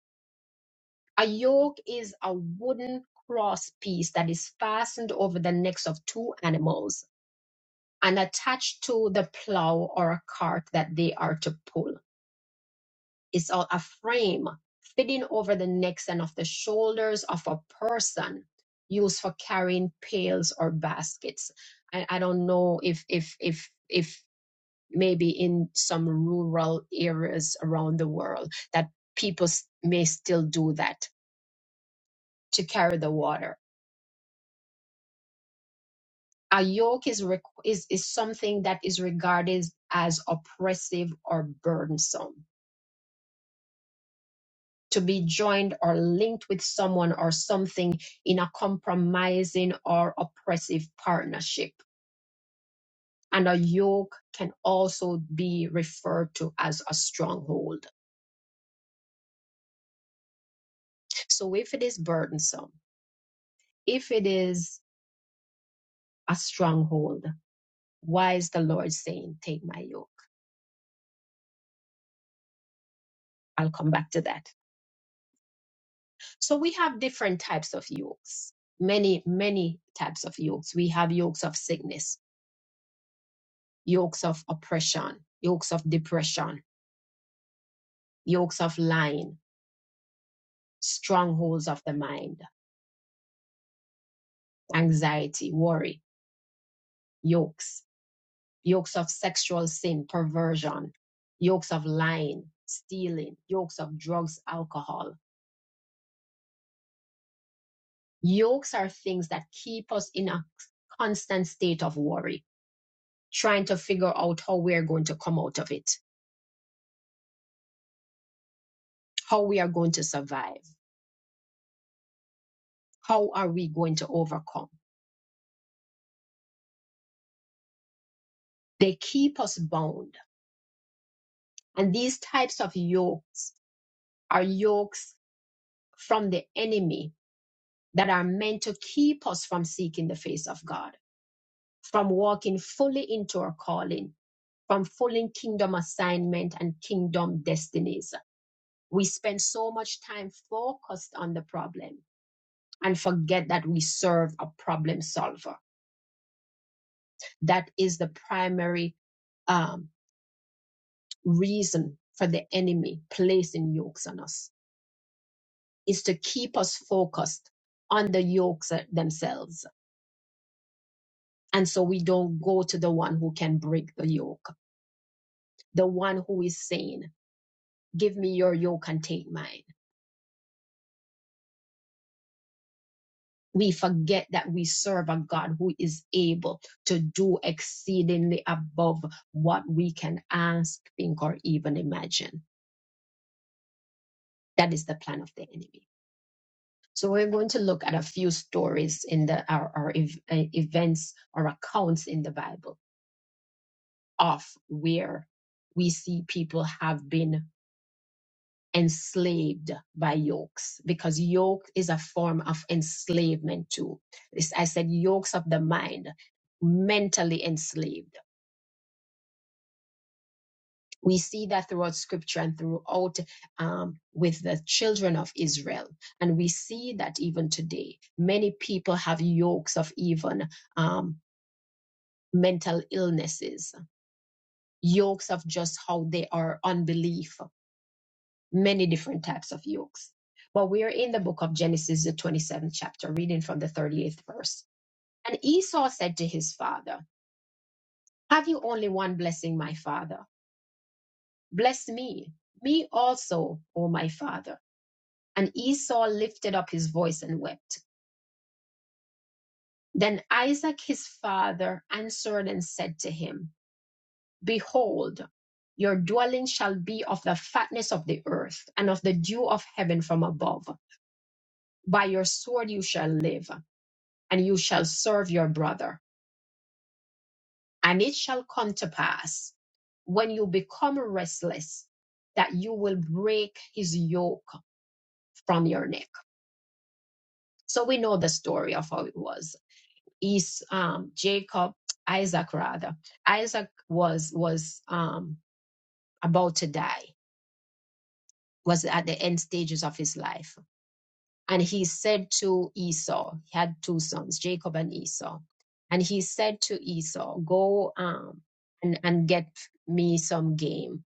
S1: A yoke is a wooden cross piece that is fastened over the necks of two animals and attached to the plow or a cart that they are to pull. It's a a frame fitting over the necks and of the shoulders of a person used for carrying pails or baskets. I, I don't know if if if if maybe in some rural areas around the world that people s- may still do that to carry the water. A yoke is, requ is, is something that is regarded as oppressive or burdensome. To be joined or linked with someone or something in a compromising or oppressive partnership. And a yoke can also be referred to as a stronghold. So if it is burdensome, if it is a stronghold. Why is the Lord saying, Take my yoke? I'll come back to that. So we have different types of yokes, many, many types of yokes. We have yokes of sickness, yokes of oppression, yokes of depression, yokes of lying, strongholds of the mind, anxiety, worry, yokes, yokes of sexual sin, perversion, yokes of lying, stealing, yokes of drugs, alcohol Yokes are things that keep us in a constant state of worry, trying to figure out how we are going to come out of it, how we are going to survive, how are we going to overcome. They keep us bound. And these types of yokes are yokes from the enemy that are meant to keep us from seeking the face of God, from walking fully into our calling, from fulfilling kingdom assignment and kingdom destinies. We spend so much time focused on the problem and forget that we serve a problem solver. That is the primary um, reason for the enemy placing yokes on us, is to keep us focused on the yokes uh, themselves. And so we don't go to the one who can break the yoke, the one who is saying, Give me your yoke and take mine we forget that we serve a God who is able to do exceedingly above what we can ask, think, or even imagine. That is the plan of the enemy. So we're going to look at a few stories in the our, our ev- uh, events or accounts in the Bible of where we see people have been enslaved by yokes because yoke is a form of enslavement too. This I said yokes of the mind, mentally enslaved we see that throughout scripture and throughout um, with the children of Israel. And we see that even today, many people have yokes of even um, mental illnesses, yokes of just how they are unbelief, many different types of yokes. But we are in the book of Genesis, the 27th chapter, reading from the 38th verse. And Esau said to his father, Have you only one blessing, my father? Bless me, me also, O my father. And Esau lifted up his voice and wept. Then Isaac his father answered and said to him, Behold, your dwelling shall be of the fatness of the earth and of the dew of heaven from above. By your sword you shall live, and you shall serve your brother. And it shall come to pass, when you become restless, that you will break his yoke from your neck. So we know the story of how it was. is um, Jacob, Isaac rather. Isaac was was um, about to die, was at the end stages of his life, and he said to Esau, he had two sons, Jacob and Esau, and he said to Esau, "Go um, and and get me some game,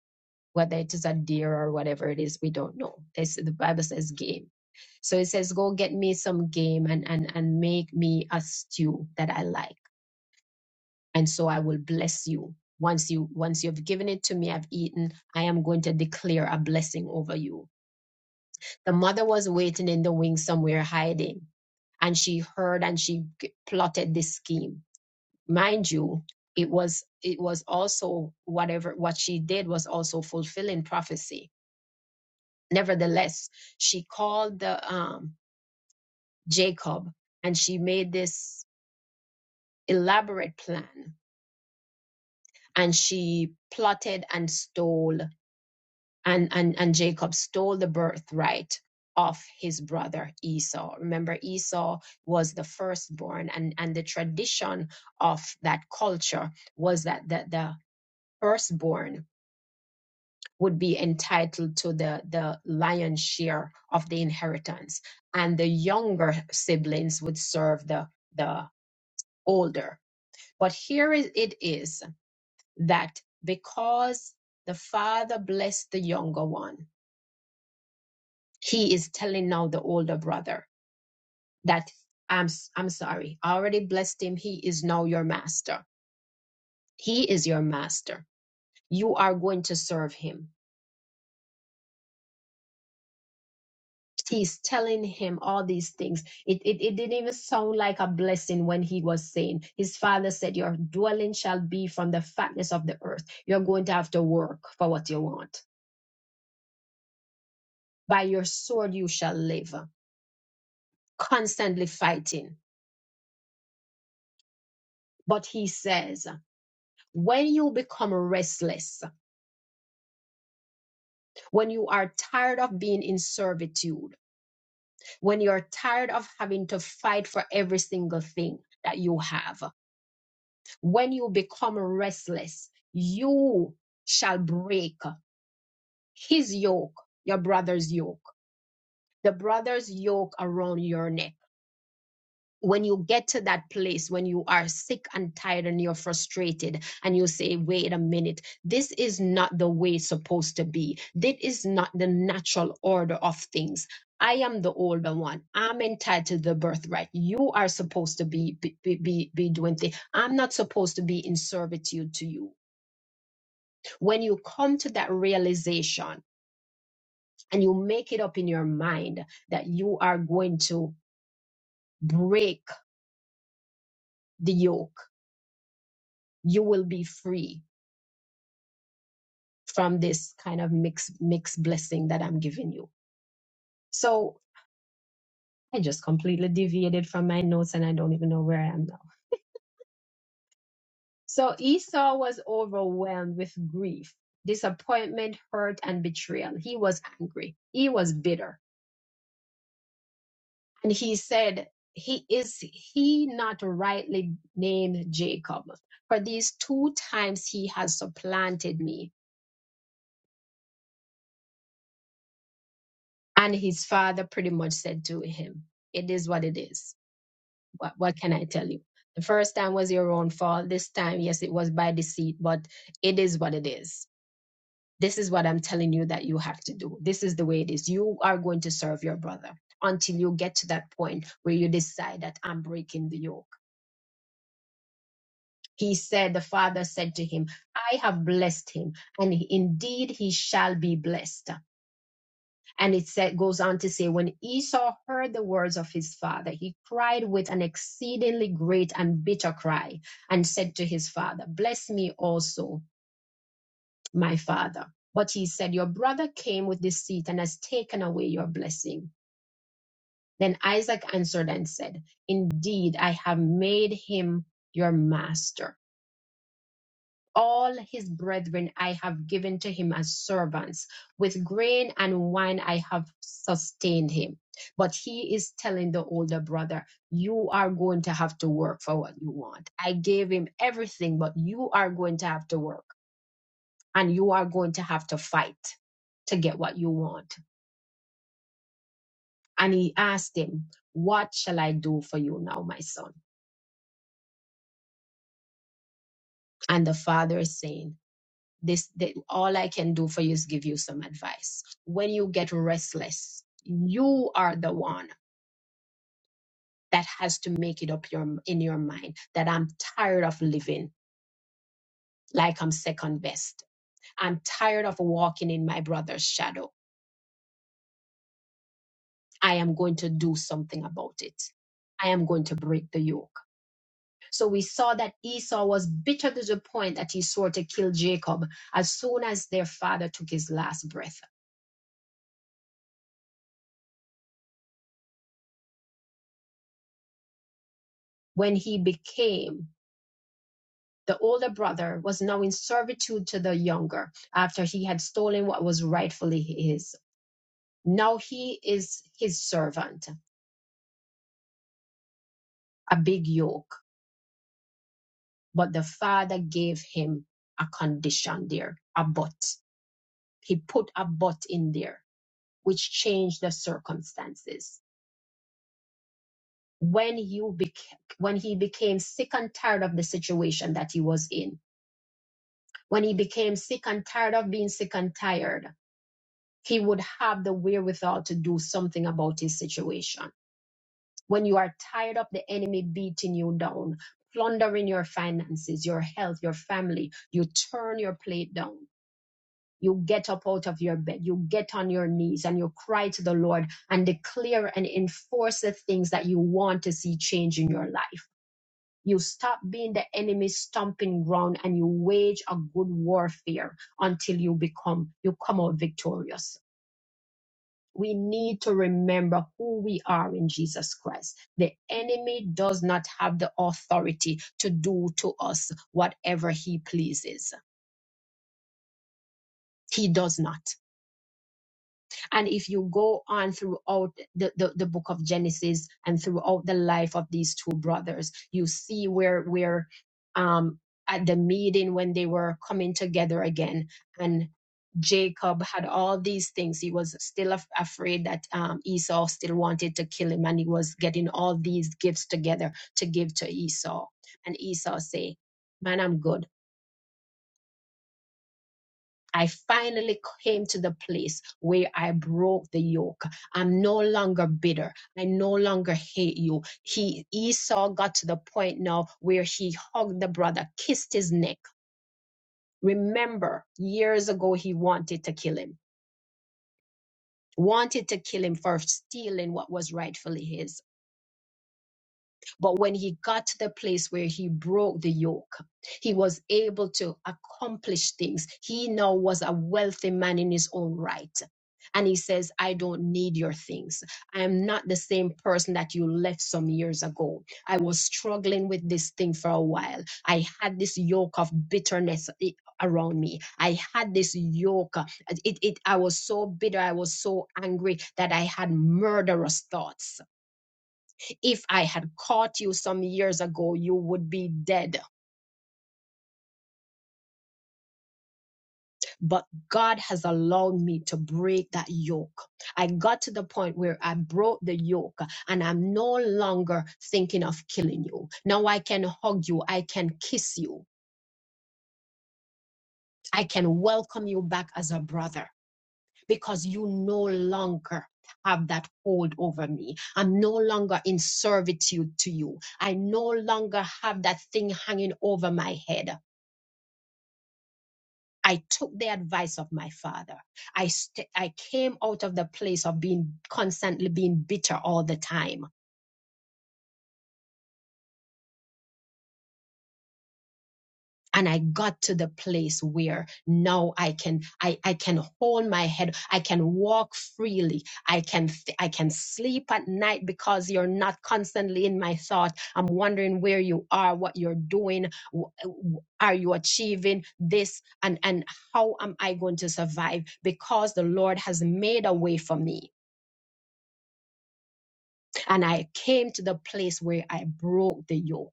S1: whether it is a deer or whatever it is, we don't know. They the Bible says game." So it says, "Go get me some game and and and make me a stew that I like." and so I will bless you. Once you once you've given it to me, I've eaten, I am going to declare a blessing over you. The mother was waiting in the wings somewhere hiding, and she heard and she g- plotted this scheme. Mind you, it was it was also whatever what she did was also fulfilling prophecy. Nevertheless, she called the um Jacob and she made this elaborate plan and she plotted and stole and and and Jacob stole the birthright of his brother Esau. Remember Esau was the firstborn and and the tradition of that culture was that the, the firstborn would be entitled to the the lion's share of the inheritance and the younger siblings would serve the the older. But here is- it is that because the father blessed the younger one he is telling now the older brother that I'm s- I'm sorry. I already blessed him. He is now your master. He is your master. You are going to serve him. He's telling him all these things. It, it, it didn't even sound like a blessing when he was saying, His father said, Your dwelling shall be from the fatness of the earth. You're going to have to work for what you want. By your sword you shall live, constantly fighting. But he says, When you become restless, when you are tired of being in servitude, when you're tired of having to fight for every single thing that you have, when you become restless, you shall break his yoke, your brother's yoke, the brother's yoke around your neck when you get to that place when you are sick and tired and you're frustrated and you say wait a minute this is not the way it's supposed to be this is not the natural order of things i am the older one i'm entitled to the birthright you are supposed to be be be, be be doing things i'm not supposed to be in servitude to you when you come to that realization and you make it up in your mind that you are going to break the yoke you will be free from this kind of mixed mixed blessing that I'm giving you. So I just completely deviated from my notes and I don't even know where I am now. So Esau was overwhelmed with grief, disappointment, hurt, and betrayal. He was angry. He was bitter. And he said, He is he not rightly named Jacob. For these two times he has supplanted me. And his father pretty much said to him, It is what it is What, what can I tell you? The first time was your own fault. This time, yes, it was by deceit, but it is what it is. This is what I'm telling you that you have to do. This is the way it is. You are going to serve your brother until you get to that point where you decide that I'm breaking the yoke. He said, The father said to him, I have blessed him, and indeed he shall be blessed. And it sa- goes on to say, when Esau heard the words of his father, he cried with an exceedingly great and bitter cry and said to his father, Bless me also, my father. But he said, Your brother came with deceit and has taken away your blessing. Then Isaac answered and said, Indeed, I have made him your master. all his brethren I have given to him as servants. With grain and wine I have sustained him. But he is telling the older brother, You are going to have to work for what you want. I gave him everything, but you are going to have to work and you are going to have to fight to get what you want. And he asked him, What shall I do for you now, my son? And the father is saying, this that all i can do for you is give you some advice when you get restless you are the one that has to make it up your in your mind that i'm tired of living like i'm second best i'm tired of walking in my brother's shadow i am going to do something about it i am going to break the yoke so we saw that esau was bitter to the point that he swore to kill jacob as soon as their father took his last breath when he became The older brother was now in servitude to the younger after he had stolen what was rightfully his. Now he is his servant, a big yoke. But the father gave him a condition there, a but. He put a but in there, which changed the circumstances. When you became, when he became sick and tired of the situation that he was in, when he became sick and tired of being sick and tired, he would have the wherewithal to do something about his situation. When you are tired of the enemy beating you down, plundering your finances, your health, your family, you turn your plate down. You get up out of your bed, you get on your knees, and you cry to the Lord and declare and enforce the things that you want to see change in your life. You stop being the enemy's stomping ground and you wage a good warfare until you become, you come out victorious. we need to remember who we are in Jesus Christ. The enemy does not have the authority to do to us whatever he pleases. He does not. And if you go on throughout the, the, the book of Genesis and throughout the life of these two brothers, you see where where um at the meeting when they were coming together again and Jacob had all these things. He was still af- afraid that um, Esau still wanted to kill him, and he was getting all these gifts together to give to Esau. And Esau say, "Man, I'm good. I finally came to the place where I broke the yoke. I'm no longer bitter. I no longer hate you. He Esau got to the point now where he hugged the brother, kissed his neck. Remember, years ago he wanted to kill him. Wanted to kill him for stealing what was rightfully his But when he got to the place where he broke the yoke, he was able to accomplish things. He now was a wealthy man in his own right. And he says, I don't need your things. I am not the same person that you left some years ago. I was struggling with this thing for a while. I had this yoke of bitterness i- around me. I had this yoke. uh, It, it, I was so bitter. I was so angry that I had murderous thoughts. If I had caught you some years ago, you would be dead. But God has allowed me to break that yoke. I got to the point where I broke the yoke and I'm no longer thinking of killing you. Now I can hug you, I can kiss you, I can welcome you back as a brother because you no longer have that hold over me. I'm no longer in servitude to you. I no longer have that thing hanging over my head. I took the advice of my father. I st- I came out of the place of being constantly being bitter all the time. And I got to the place where now I can I, I can hold my head. I can walk freely. I can th- I can sleep at night because you're not constantly in my thought. I'm wondering where you are, what you're doing, w- w- are you achieving this, and and how am I going to survive? Because the Lord has made a way for me and I came to the place where I broke the yoke.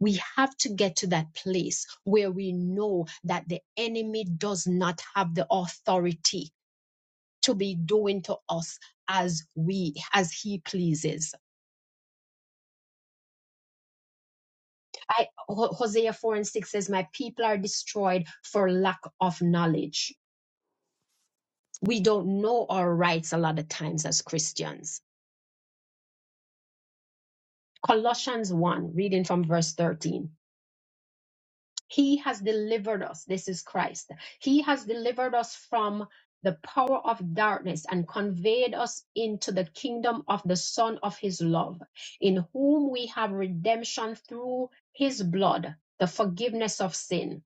S1: We have to get to that place where we know that the enemy does not have the authority to be doing to us as we as he pleases. I Ho- Hosea 4 and 6 says, My people are destroyed for lack of knowledge. We don't know our rights a lot of times as Christians. Colossians 1, reading from verse 13. He has delivered us. This is Christ. He has delivered us from the power of darkness and conveyed us into the kingdom of the Son of His love, in whom we have redemption through His blood, the forgiveness of sin.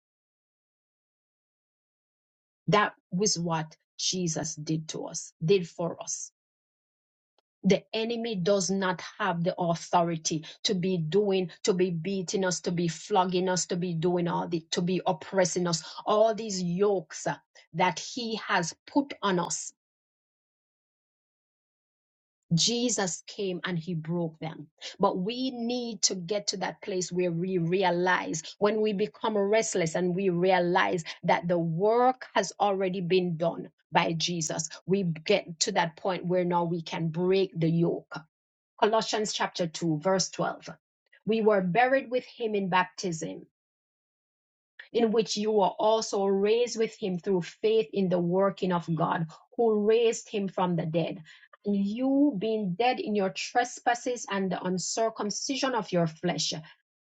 S1: That was what Jesus did to us, did for us. the enemy does not have the authority to be doing to be beating us to be flogging us to be doing all the to be oppressing us all these yokes uh, that he has put on us jesus came and he broke them but we need to get to that place where we realize when we become restless and we realize that the work has already been done by jesus we get to that point where now we can break the yoke Colossians chapter 2, verse 12. We were buried with him in baptism in which you were also raised with him through faith in the working of God, who raised him from the dead. And you, being dead in your trespasses and the uncircumcision of your flesh,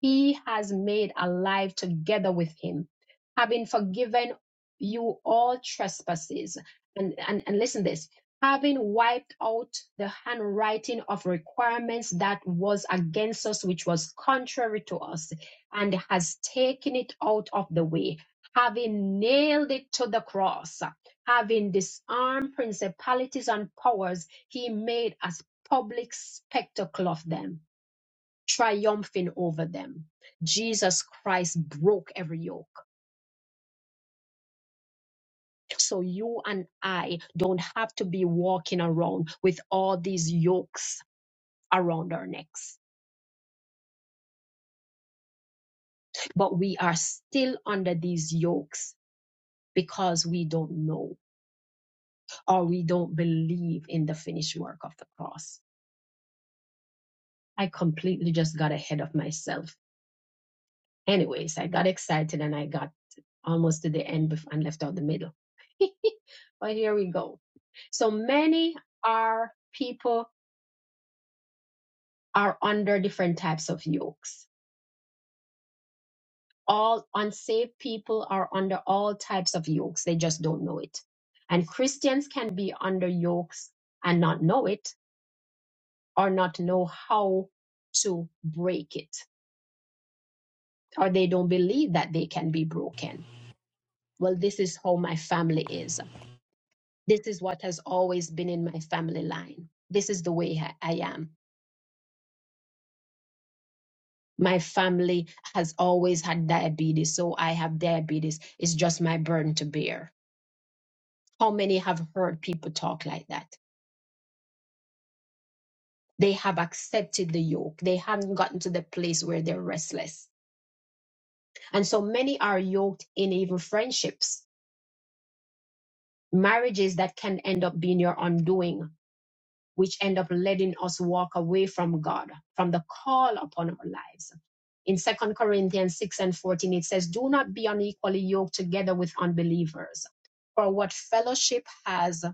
S1: he has made alive together with him, having forgiven you all trespasses. And, and, and listen this having wiped out the handwriting of requirements that was against us, which was contrary to us and has taken it out of the way, having nailed it to the cross, having disarmed principalities and powers, he made a public spectacle of them, triumphing over them. Jesus Christ broke every yoke. So you and I don't have to be walking around with all these yokes around our necks, but we are still under these yokes because we don't know. or we don't believe in the finished work of the cross. I completely just got ahead of myself. Anyways, I got excited and I got almost to the end and left out the middle. <laughs> but here we go. So many are people are under different types of yokes. All unsaved people are under all types of yokes. They just don't know it. And Christians can be under yokes and not know it or not know how to break it or they don't believe that they can be broken. Well, this is how my family is. This is what has always been in my family line. This is the way I I am. My family has always had diabetes, so I have diabetes. It's just my burden to bear. How many have heard people talk like that? They have accepted the yoke. They haven't gotten to the place where they're restless. And so many are yoked in even friendships, marriages that can end up being your undoing which end up letting us walk away from God, from the call upon our lives. In Second Corinthians 6 and 14, it says, Do not be unequally yoked together with unbelievers. For what fellowship has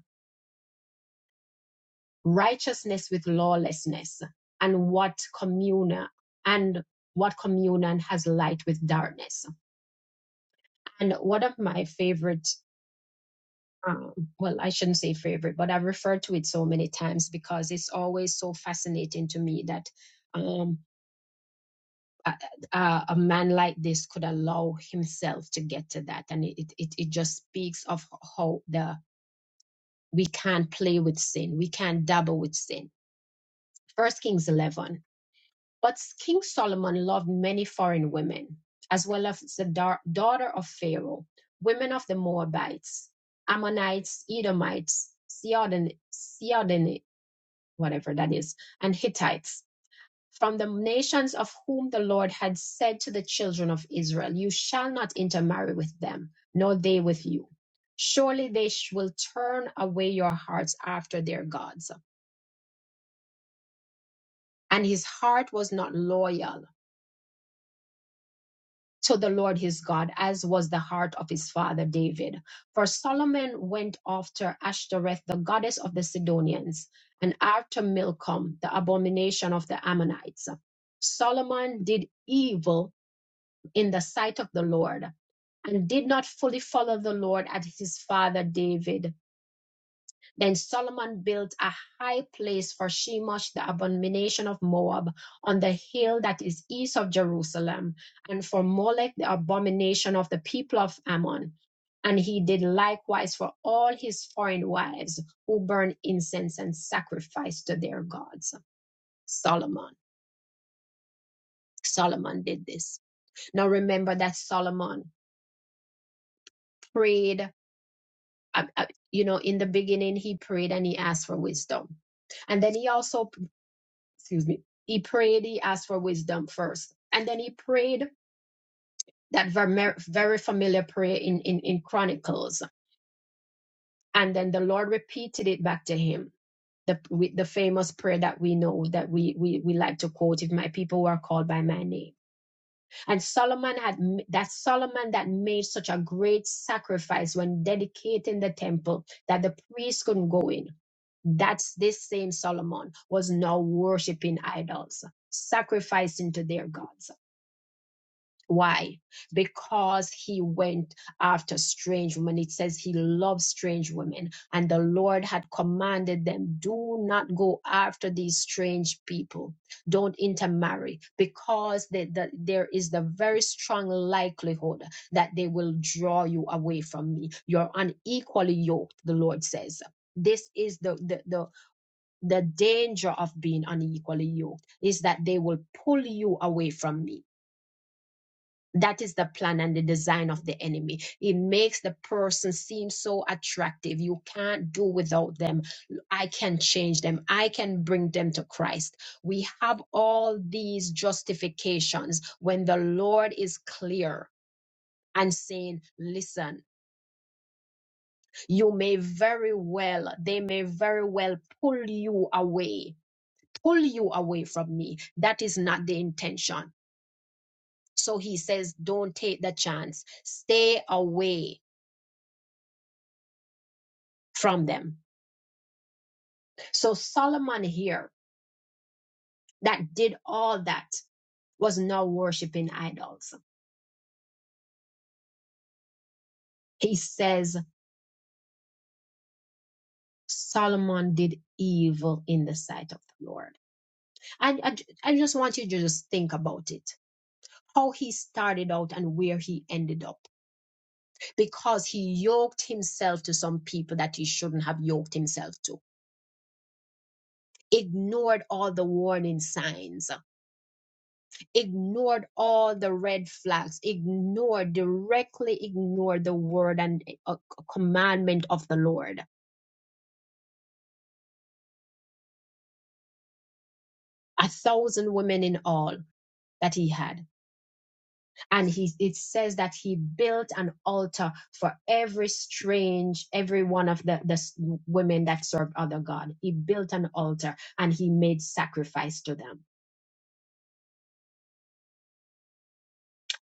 S1: righteousness with lawlessness? And what communion and what communion has light with darkness? And one of my favorite um, well, I shouldn't say favorite, but I refer to it so many times because it's always so fascinating to me that um, uh, uh, a man like this could allow himself to get to that and it, it it just speaks of how the we can't play with sin we can't dabble with sin first kings 11 but king solomon loved many foreign women as well as the dar- daughter of pharaoh women of the moabites ammonites edomites Sidon, Sidon, whatever that is and hittites from the nations of whom the Lord had said to the children of Israel, You shall not intermarry with them, nor they with you. Surely they sh- will turn away your hearts after their gods. And his heart was not loyal to the Lord his God, as was the heart of his father David. For Solomon went after Ashtoreth, the goddess of the Sidonians, and after Milcom, the abomination of the Ammonites. Solomon did evil in the sight of the Lord and did not fully follow the Lord as his father David. Then Solomon built a high place for Shemosh, the abomination of Moab, on the hill that is east of Jerusalem, and for Molech, the abomination of the people of Ammon. And he did likewise for all his foreign wives who burn incense and sacrifice to their gods. Solomon. Solomon did this. Now remember that Solomon prayed I, I, you know, in the beginning, he prayed and he asked for wisdom. And then he also, excuse me, he prayed, he asked for wisdom first. And then he prayed that ver- very familiar prayer in, in, in Chronicles. And then the Lord repeated it back to him. The, with the famous prayer that we know that we, we, we like to quote, if my people were called by my name. And Solomon had, that Solomon that made such a great sacrifice when dedicating the temple that the priests couldn't go in That this same Solomon was now worshiping idols, sacrificing to their gods. Why? Because he went after strange women. It says he loved strange women, and the Lord had commanded them do not go after these strange people, don't intermarry, because the, the, there is the very strong likelihood that they will draw you away from me. You're unequally yoked, the Lord says this is the, the the the danger of being unequally yoked is that they will pull you away from me. That is the plan and the design of the enemy. It makes the person seem so attractive. You can't do without them. I can change them. I can bring them to Christ. We have all these justifications when the Lord is clear and saying, listen, you may very well, they may very well pull you away pull you away from me. That is not the intention. So he says, don't take the chance. Stay away from them. So Solomon here that did all that was not worshiping idols. He says Solomon did evil in the sight of the Lord. And I, I just want you to just think about it. How he started out and where he ended up because he yoked himself to some people that he shouldn't have yoked himself to ignored all the warning signs, ignored all the red flags, ignored, directly ignored the word and uh, commandment of the Lord. A thousand women in all that he had. And he, it says that he built an altar for every strange, every one of the, the s- women that served other God. He built an altar and he made sacrifice to them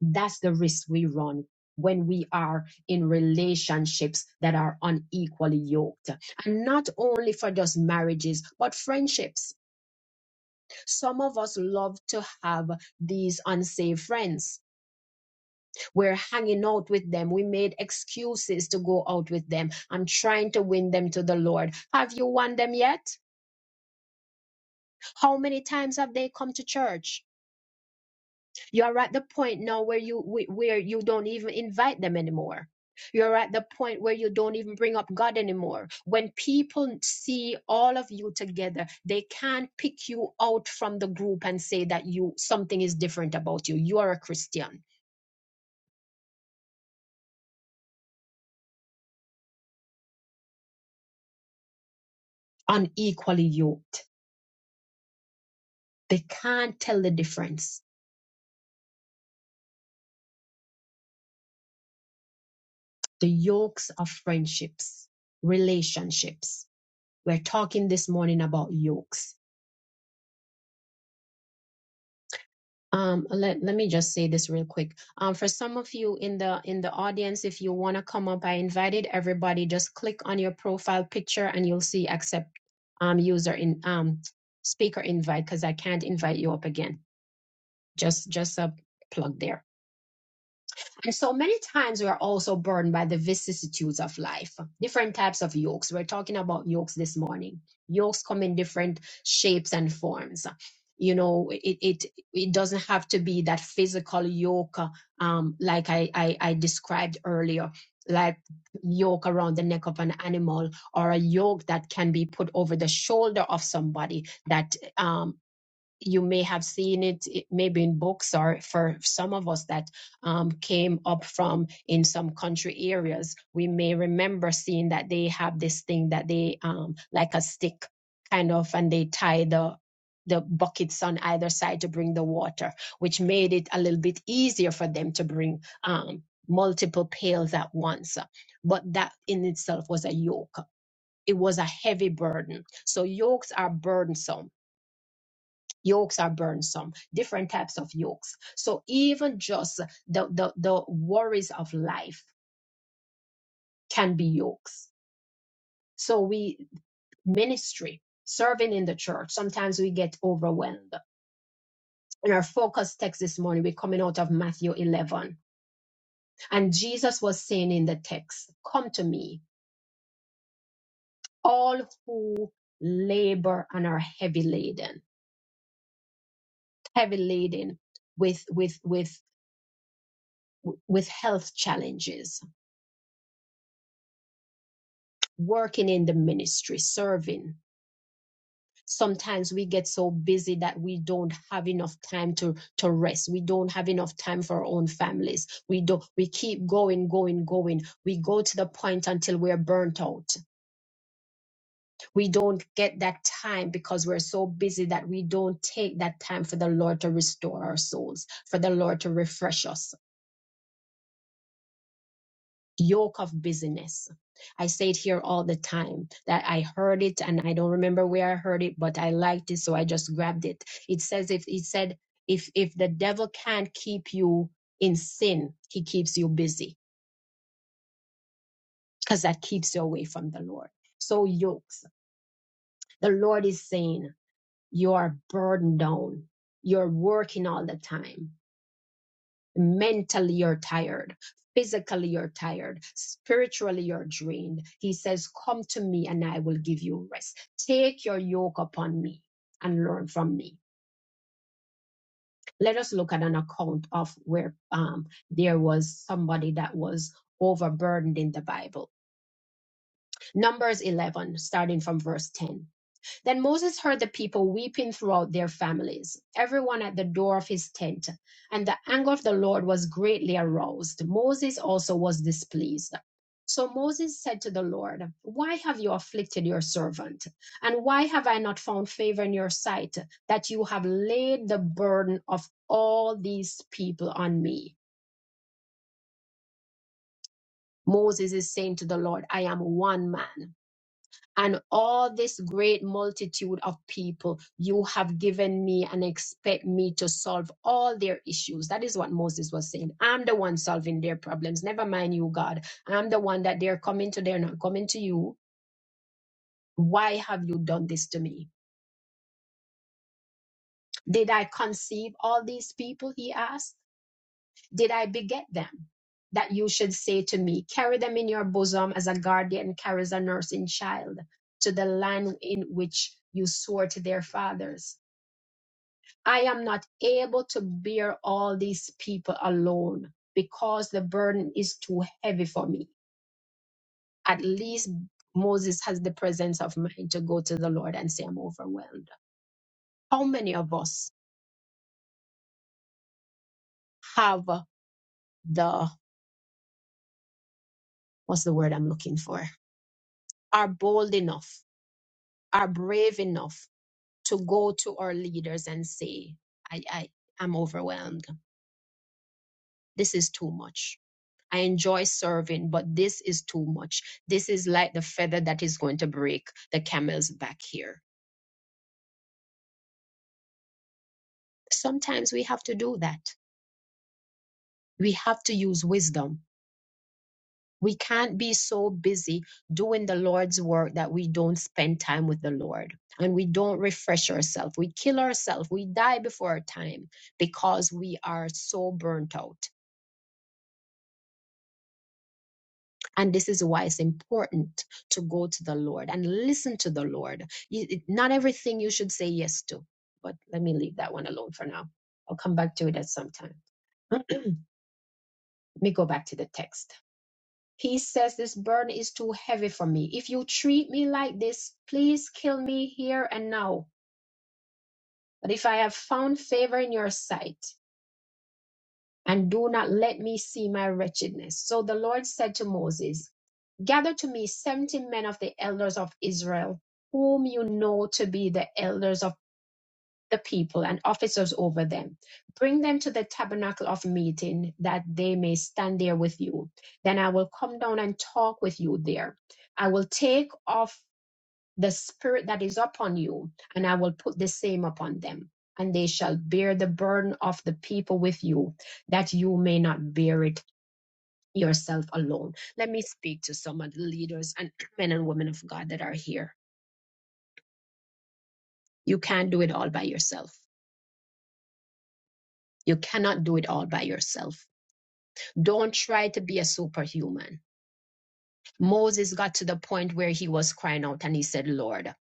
S1: That's the risk we run when we are in relationships that are unequally yoked. And not only for just marriages, but friendships. Some of us love to have these unsafe friends. We're hanging out with them. We made excuses to go out with them. I'm trying to win them to the Lord. Have you won them yet? How many times have they come to church? You're at the point now where you wh- where you don't even invite them anymore. You're at the point where you don't even bring up God anymore. When people see all of you together, they can't pick you out from the group and say that you something is different about you. You are a Christian, unequally yoked. They can't tell the difference. The yokes of friendships, relationships. We're talking this morning about yokes Um, let, let me just say this real quick. Um, for some of you in the in the audience, if you want to come up, I invited everybody. Just click on your profile picture and you'll see accept um, user in um, speaker invite because I can't invite you up again. Just just a plug there. And so many times we are also burdened by the vicissitudes of life, different types of yokes. We're talking about yokes this morning. Yokes come in different shapes and forms. You know, it it it doesn't have to be that physical yoke, uh, um, like I I, I described earlier, like yoke around the neck of an animal, or a yoke that can be put over the shoulder of somebody that um you may have seen it, it maybe in books or for some of us that um, came up from in some country areas we may remember seeing that they have this thing that they um, like a stick kind of and they tie the the buckets on either side to bring the water which made it a little bit easier for them to bring um, multiple pails at once but that in itself was a yoke it was a heavy burden so yokes are burdensome Yokes are burdensome, different types of yokes. So even just the, the, the worries of life can be yokes. So we ministry, serving in the church, sometimes we get overwhelmed. In our focus text this morning, we're coming out of Matthew 11. And Jesus was saying in the text, Come to me, all who labor and are heavy laden, heavy laden with, with, with, with health challenges working in the ministry, serving. Sometimes we get so busy that we don't have enough time to, to rest. We don't have enough time for our own families. We don't, we keep going, going, going. We go to the point until we're burnt out. We don't get that time because we're so busy that we don't take that time for the Lord to restore our souls, for the Lord to refresh us yoke of busyness. I say it here all the time that I heard it and I don't remember where I heard it, but I liked it, so I just grabbed it. It says if it said if if the devil can't keep you in sin, he keeps you busy because that keeps you away from the Lord. So yokes, the Lord is saying you are burdened down, you're working all the time mentally you're tired physically you're tired spiritually you're drained he says come to me and i will give you rest take your yoke upon me and learn from me let us look at an account of where um, there was somebody that was overburdened in the bible numbers 11 starting from verse 10 Then Moses heard the people weeping throughout their families, everyone at the door of his tent, and the anger of the Lord was greatly aroused. Moses also was displeased. So Moses said to the Lord, Why have you afflicted your servant? And why have I not found favor in your sight that you have laid the burden of all these people on me? Moses is saying to the Lord, I am one man. and all this great multitude of people you have given me and expect me to solve all their issues. That is what Moses was saying. I'm the one solving their problems. Never mind you, God. I'm the one that they're coming to, they're not coming to you. Why have you done this to me? Did I conceive all these people? He asked. Did I beget them? That you should say to me, carry them in your bosom as a guardian carries a nursing child to the land in which you swore to their fathers I am not able to bear all these people alone because the burden is too heavy for me. At least Moses has the presence of mind to go to the Lord and say, I'm overwhelmed. How many of us have the, what's the word I'm looking for? Are bold enough, are brave enough to go to our leaders and say, I, I, I'm overwhelmed. This is too much. I enjoy serving, but this is too much. This is like the feather that is going to break the camel's back here. Sometimes we have to do that. We have to use wisdom. We can't be so busy doing the Lord's work that we don't spend time with the Lord and we don't refresh ourselves. We kill ourselves. We die before our time because we are so burnt out. And this is why it's important to go to the Lord and listen to the Lord. You, it- not everything you should say yes to, but let me leave that one alone for now. I'll come back to it at some time. <clears throat> let me go back to the text. He says, This burden is too heavy for me. If you treat me like this, please kill me here and now. But if I have found favor in your sight, and do not let me see my wretchedness. So the Lord said to Moses, Gather to me seventy men of the elders of Israel, whom you know to be the elders of the people and officers over them. Bring them to the tabernacle of meeting, that they may stand there with you. Then I will come down and talk with you there. I will take off the spirit that is upon you, and I will put the same upon them. And they shall bear the burden of the people with you, that you may not bear it yourself alone. Let me speak to some of the leaders and men and women of God that are here. You can't do it all by yourself. You cannot do it all by yourself. Don't try to be a superhuman. Moses got to the point where he was crying out and he said, Lord,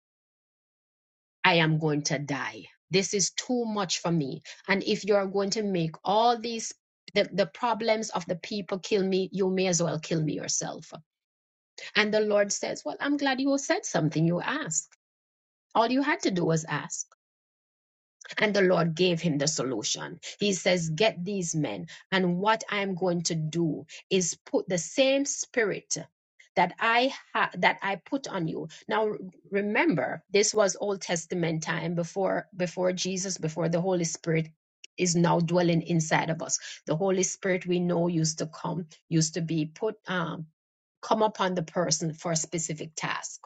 S1: I am going to die. This is too much for me. And if you are going to make all these the, the problems of the people kill me, you may as well kill me yourself. And the Lord says, Well, I'm glad you said something. You asked. All you had to do was ask. And the Lord gave him the solution. He says, Get these men. And what I'm going to do is put the same spirit that I ha- that I put on you. Now r- remember, this was Old Testament time before before Jesus, before the Holy Spirit is now dwelling inside of us. The Holy Spirit we know used to come, used to be put um, come upon the person for a specific task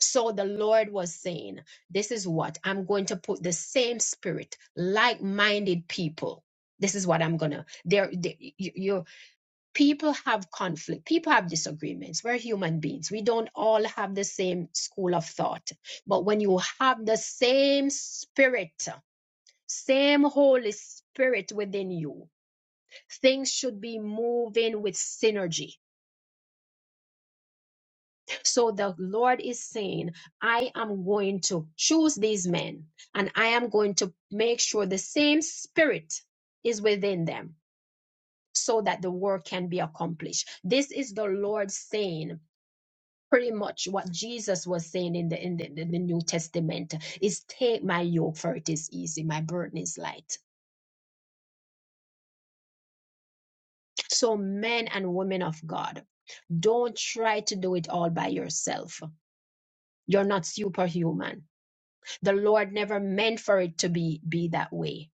S1: so the Lord was saying, This is what I'm going to put the same spirit, like minded people. This is what I'm gonna. There, there- you, you- people have conflict. People have disagreements. We're human beings. We don't all have the same school of thought. But when you have the same spirit, same Holy Spirit within you, things should be moving with synergy So the Lord is saying, I am going to choose these men and I am going to make sure the same spirit is within them so that the work can be accomplished. This is the Lord saying pretty much what Jesus was saying in the in the, the, the New Testament is take my yoke for it is easy, my burden is light. So men and women of God, don't try to do it all by yourself. You're not superhuman The Lord never meant for it to be be that way.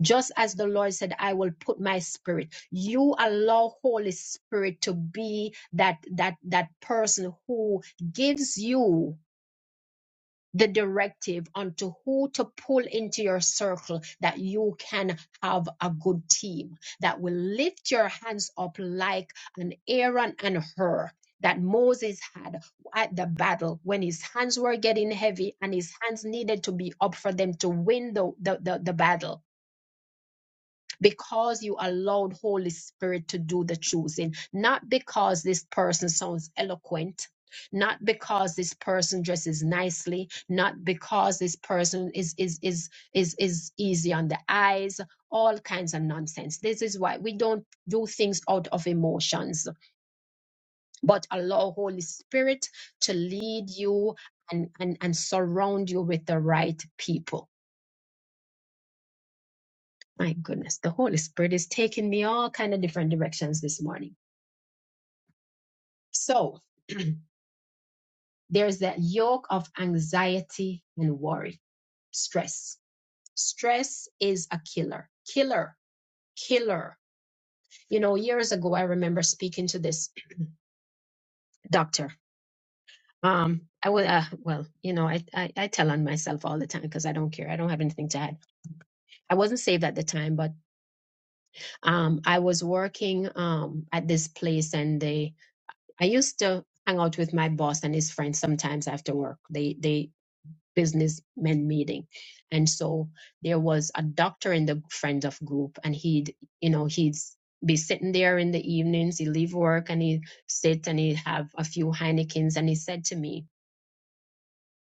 S1: Just as the Lord said, I will put my spirit. You allow Holy Spirit to be that that that person who gives you the directive onto who to pull into your circle that you can have a good team that will lift your hands up like an Aaron and her that Moses had at the battle when his hands were getting heavy and his hands needed to be up for them to win the, the, the, the battle because you allowed holy spirit to do the choosing not because this person sounds eloquent not because this person dresses nicely not because this person is is is is is easy on the eyes all kinds of nonsense this is why we don't do things out of emotions but allow holy spirit to lead you and and, and surround you with the right people my goodness the holy spirit is taking me all kind of different directions this morning So <clears throat> there's that yoke of anxiety and worry, stress. Stress is a killer, killer, killer. You know, years ago, I remember speaking to this <clears throat> doctor. Um, I was, uh, well, you know, I, I, I tell on myself all the time because I don't care. I don't have anything to hide. I wasn't saved at the time, but um, I was working um, at this place and they, I used to hang out with my boss and his friends sometimes after work. They, they, businessmen meeting and so there was a doctor in the friends of group and he'd you know he'd be sitting there in the evenings he'd leave work and he'd sit and he'd have a few heinekens and he said to me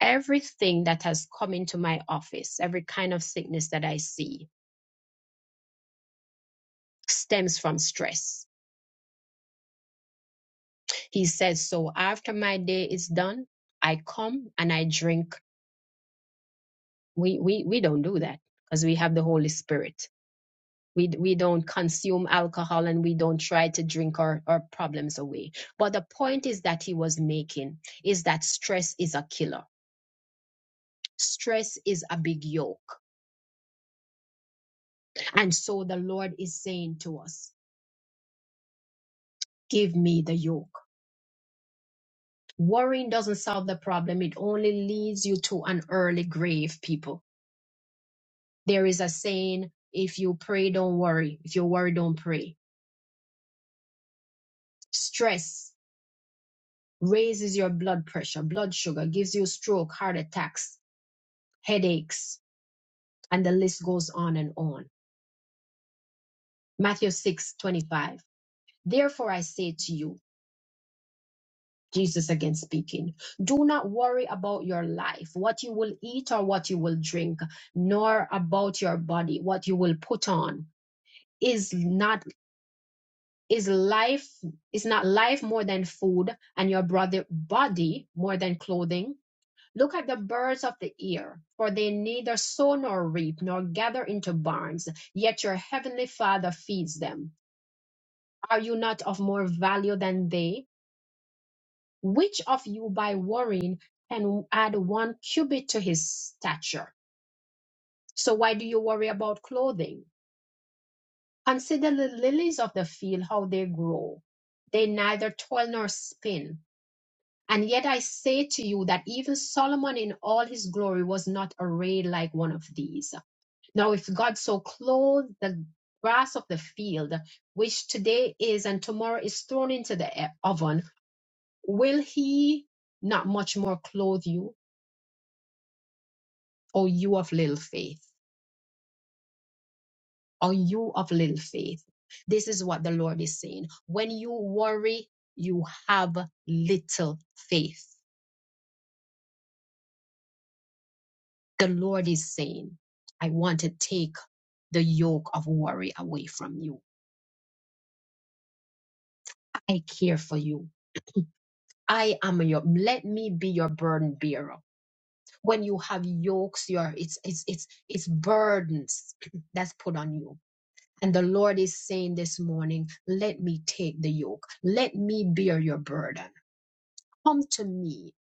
S1: everything that has come into my office every kind of sickness that i see stems from stress he says so after my day is done i come and i drink we we, we don't do that because we have the holy spirit we we don't consume alcohol and we don't try to drink our, our problems away but the point is that he was making is that stress is a killer stress is a big yoke and so the lord is saying to us give me the yoke worrying doesn't solve the problem it only leads you to an early grave people there is a saying if you pray don't worry if you worry don't pray stress raises your blood pressure blood sugar gives you stroke heart attacks headaches And the list goes on and on. Matthew 6 25. Therefore, I say to you, Jesus again speaking, do not worry about your life, what you will eat or what you will drink, nor about your body, what you will put on. Is not is life is not life more than food and your brother body more than clothing? Look at the birds of the air, for they neither sow nor reap nor gather into barns, yet your heavenly Father feeds them. Are you not of more value than they? Which of you by worrying can add one cubit to his stature? So why do you worry about clothing? Consider the lilies of the field, how they grow. They neither toil nor spin. And yet I say to you that even Solomon in all his glory was not arrayed like one of these. Now, if God so clothed the grass of the field, which today is and tomorrow is thrown into the e- oven, Will he not much more clothe you, O you of little faith? O you of little faith? This is what the Lord is saying. When you worry, you have little faith. The Lord is saying, I want to take the yoke of worry away from you. I care for you. I am your let me be your burden bearer. When you have yokes, your it's it's it's it's burdens <clears throat> that's put on you And the Lord is saying this morning, let me take the yoke. Let me bear your burden. Come to me,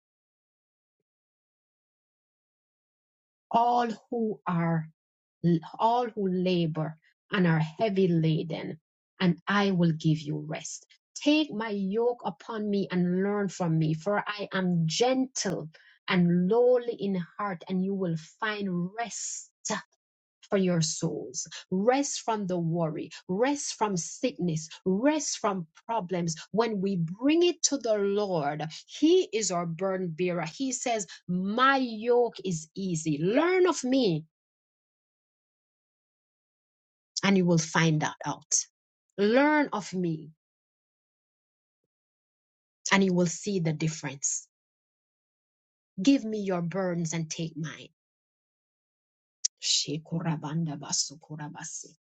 S1: all who are, all who labor and are heavy laden, and I will give you rest. Take my yoke upon me and learn from me, for I am gentle and lowly in heart, and you will find rest for your souls. Rest from the worry. Rest from sickness. Rest from problems. When we bring it to the Lord, He is our burden bearer. He says, My yoke is easy. Learn of me, and you will find that out. Learn of me, and you will see the difference. Give me your burdens and take mine. Shekurabandabasukurabasi.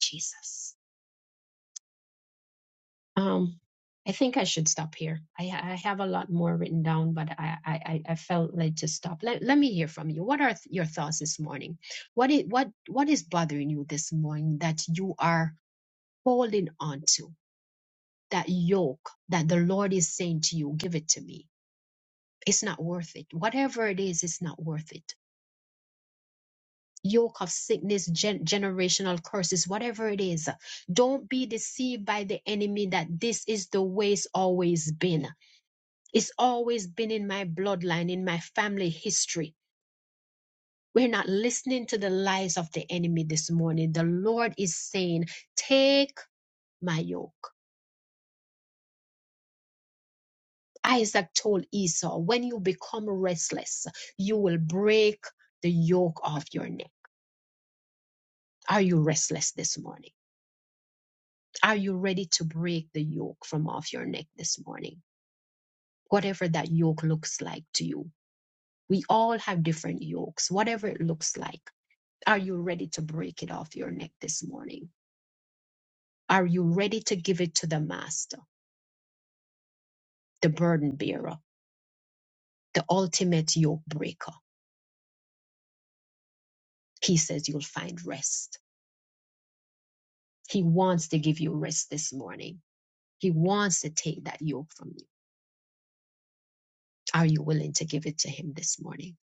S1: Jesus. Um, I think I should stop here. I, I have a lot more written down, but I, I, I I felt led to stop. Let, let me hear from you. What are th- your thoughts this morning? What is, what, what is bothering you this morning that you are holding on to? That yoke that the Lord is saying to you, give it to me. It's not worth it. Whatever it is, it's not worth it. Yoke of sickness, gen- generational curses, whatever it is. Don't be deceived by the enemy that this is the way it's always been It's always been in my bloodline, in my family history. We're not listening to the lies of the enemy this morning. The Lord is saying, Take my yoke. Isaac told Esau, When you become restless, you will break the yoke off your neck. Are you restless this morning? Are you ready to break the yoke from off your neck this morning? Whatever that yoke looks like to you. We all have different yokes, whatever it looks like. Are you ready to break it off your neck this morning? Are you ready to give it to the master, the burden bearer, the ultimate yoke breaker? He says you'll find rest. He wants to give you rest this morning. He wants to take that yoke from you. Are you willing to give it to him this morning?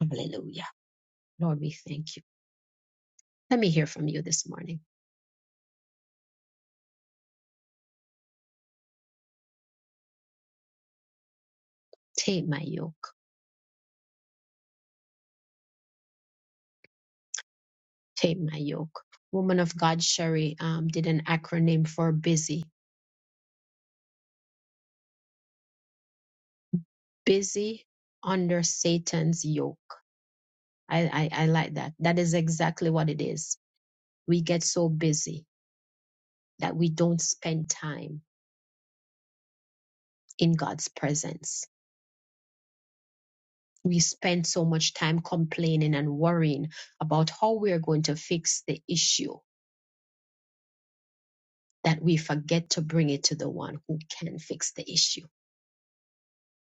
S1: Hallelujah. Lord, we thank you. Let me hear from you this morning. Take my yoke. Take my yoke. Woman of God, Sherry, um, did an acronym for busy. Busy under Satan's yoke. I, I, I like that. That is exactly what it is we get so busy that we don't spend time in God's presence. We spend so much time complaining and worrying about how we are going to fix the issue that we forget to bring it to the one who can fix the issue.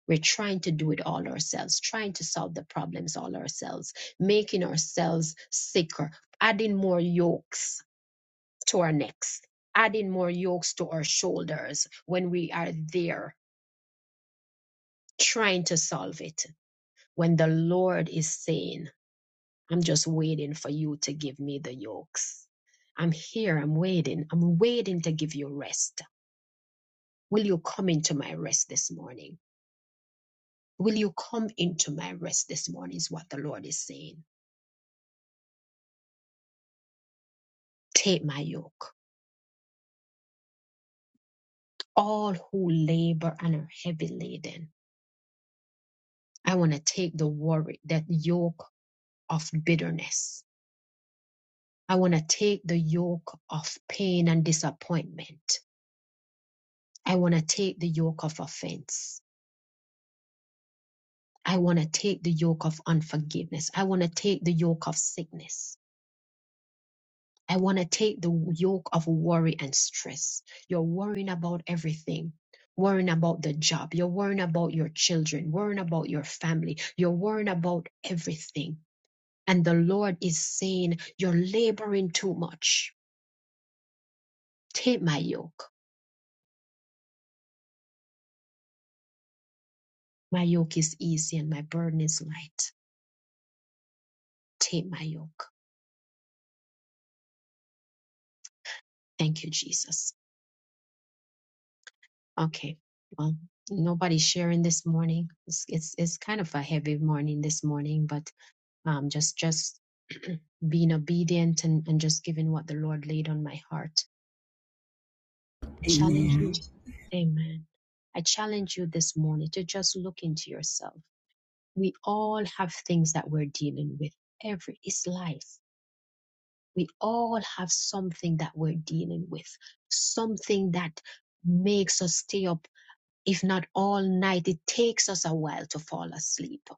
S1: We're trying to do it all ourselves, trying to solve the problems all ourselves, making ourselves sicker, adding more yokes to our necks, adding more yokes to our shoulders when we are there trying to solve it When the Lord is saying, I'm just waiting for you to give me the yokes. I'm here, I'm waiting, I'm waiting to give you rest. Will you come into my rest this morning? Will you come into my rest this morning? Is what the Lord is saying. Take my yoke. All who labor and are heavy laden, I want to take the worry, that yoke of bitterness. I want to take the yoke of pain and disappointment. I want to take the yoke of offense. I want to take the yoke of unforgiveness. I want to take the yoke of sickness. I want to take the yoke of worry and stress. You're worrying about everything. Worrying about the job. You're worrying about your children, worrying about your family. You're worrying about everything. And the Lord is saying, You're laboring too much. Take my yoke. My yoke is easy and my burden is light. Take my yoke. Thank you, Jesus. Okay. Well, nobody's sharing this morning. It's it's it's kind of a heavy morning this morning, but um just just <clears throat> being obedient and, and just giving what the Lord laid on my heart. I challenge
S5: Amen.
S1: you. Amen. I challenge you this morning to just look into yourself. We all have things that we're dealing with. Every is life. We all have something that we're dealing with, something that makes us stay up if not all night. It takes us a while to fall asleep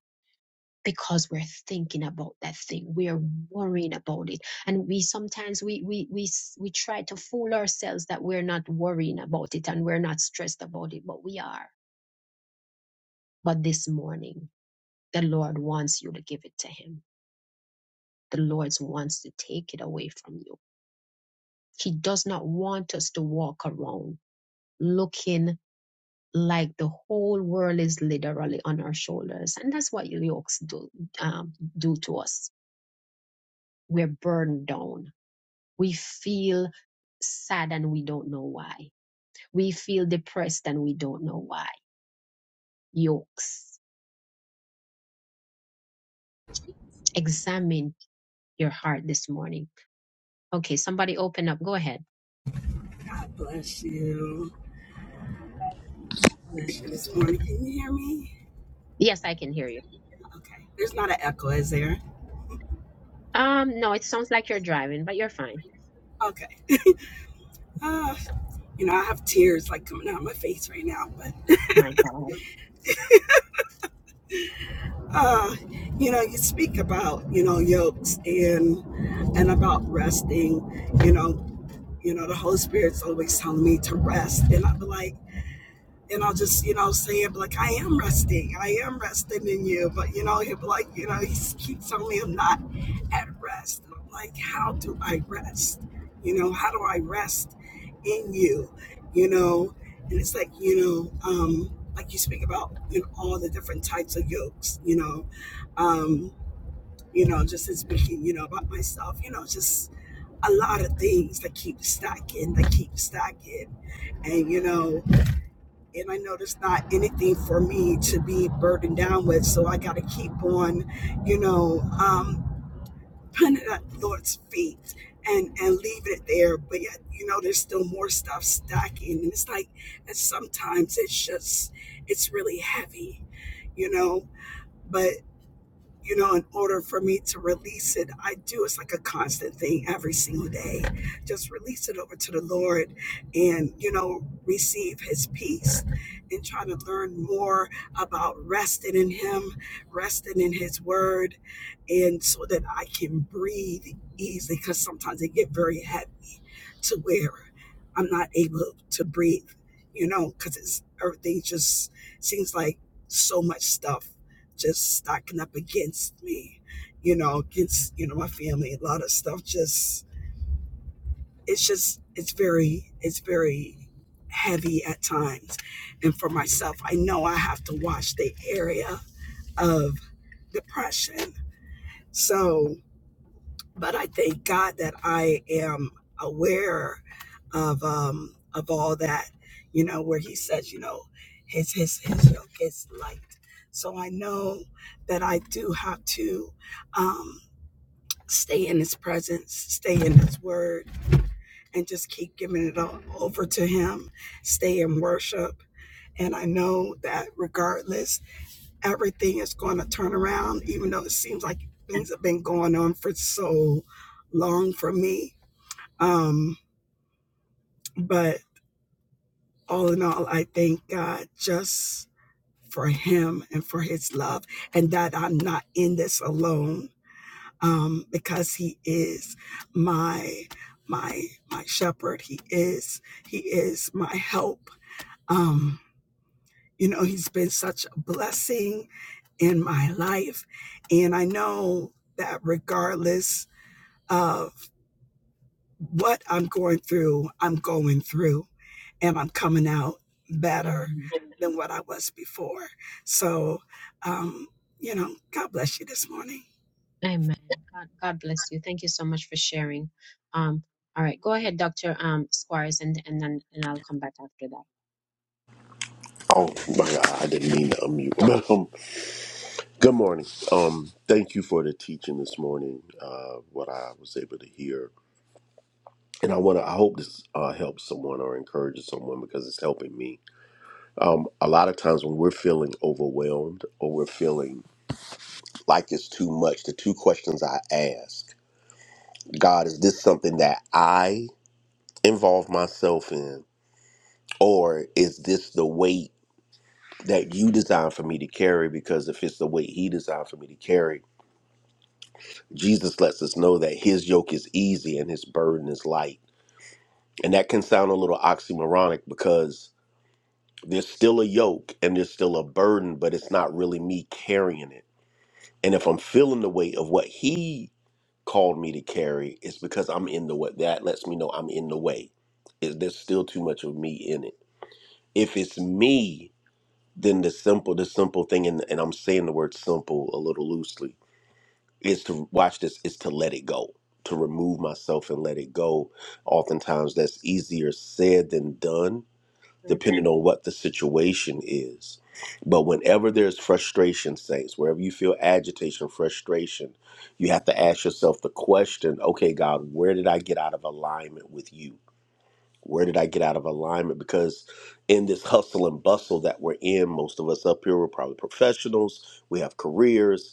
S1: because we're thinking about that thing. We're worrying about it. And we sometimes we we we s- we try to fool ourselves that we're not worrying about it and we're not stressed about it, but we are. But this morning, the Lord wants you to give it to him. The Lord wants to take it away from you. He does not want us to walk around looking like the whole world is literally on our shoulders. And that's what yokes do, um, do to us. We're burned down. We feel sad and we don't know why. We feel depressed and we don't know why. Yokes. Examine your heart this morning. Okay, somebody open up. Go ahead.
S5: God bless you. Bless you this morning. Can you hear me?
S1: Yes, I can hear you.
S5: Okay. There's not an echo, is there?
S1: Um, no, it sounds like you're driving, but you're fine.
S5: Okay. <laughs> Uh, you know, I have tears like coming out of my face right now, but
S1: My God.
S5: uh, you know, you speak about, you know, yokes and and about resting. You know, You know, the Holy Spirit's always telling me to rest. And I'd be like, and I'll just, you know, say it, like, I am resting. I am resting in you. But, you know, he'll be like, you know, he keeps telling me I'm not at rest. And I'm like, how do I rest? You know, how do I rest in you? You know, and it's like, you know, um, like you speak about, you know, all the different types of yokes, you know. Um, you know, just in speaking, you know, about myself, you know, just a lot of things that keep stacking, that keep stacking. And, you know, and I know there's not anything for me to be burdened down with. So I got to keep on, you know, um, putting it at the Lord's feet and, and leave it there. But yet, you know, there's still more stuff stacking. And it's like, and sometimes it's just, it's really heavy, you know, but you know, in order for me to release it, I do. It's like a constant thing every single day. Just release it over to the Lord and, you know, receive His peace and try to learn more about resting in Him, resting in His Word, and so that I can breathe easily because sometimes they get very heavy to where I'm not able to breathe, you know, because it's everything just seems like so much stuff just stacking up against me, you know, against, you know, my family, a lot of stuff just it's just it's very it's very heavy at times. And for myself, I know I have to watch the area of depression. So but I thank God that I am aware of um of all that, you know, where he says, you know, his his his yoke is light. So I know that I do have to um stay in his presence, stay in his word, and just keep giving it all over to him, stay in worship. And I know that regardless, everything is going to turn around, even though it seems like things have been going on for so long for me um, but all in all, I thank God just for him and for his love and that I'm not in this alone. Um, because he is my my my shepherd. He is he is my help. Um, you know, he's been such a blessing in my life. And I know that regardless of what I'm going through, I'm going through, and I'm coming out better
S1: Amen.
S5: than what I was before. So, um, you know, God bless you this morning.
S1: Amen. God, God bless you. Thank you so much for sharing. Um, all right, go ahead, Doctor um, Squires, and and then and I'll come back after that.
S6: Oh my God, I didn't mean to unmute. <laughs> But, um, good morning. Um, thank you for the teaching this morning. Uh, what I was able to hear, and I want to. I hope this uh, helps someone or encourages someone because it's helping me. Um, a lot of times when we're feeling overwhelmed or we're feeling like it's too much, the two questions I ask: God, is this something that I involve myself in, or is this the weight? That you designed for me to carry, because if it's the weight he designed for me to carry, Jesus lets us know that his yoke is easy and his burden is light. And that can sound a little oxymoronic because there's still a yoke and there's still a burden, but it's not really me carrying it. And if I'm feeling the weight of what he called me to carry, it's because I'm in the way. That lets me know I'm in the way. Is there's still too much of me in it. If it's me, then the simple, the simple thing, and, and I'm saying the word simple a little loosely is to watch this is to let it go to remove myself and let it go oftentimes that's easier said than done depending on what the situation is but whenever there's frustration saints wherever you feel agitation frustration you have to ask yourself the question okay god where did i get out of alignment with you where did i get out of alignment because in this hustle and bustle that we're in most of us up here we're probably professionals we have careers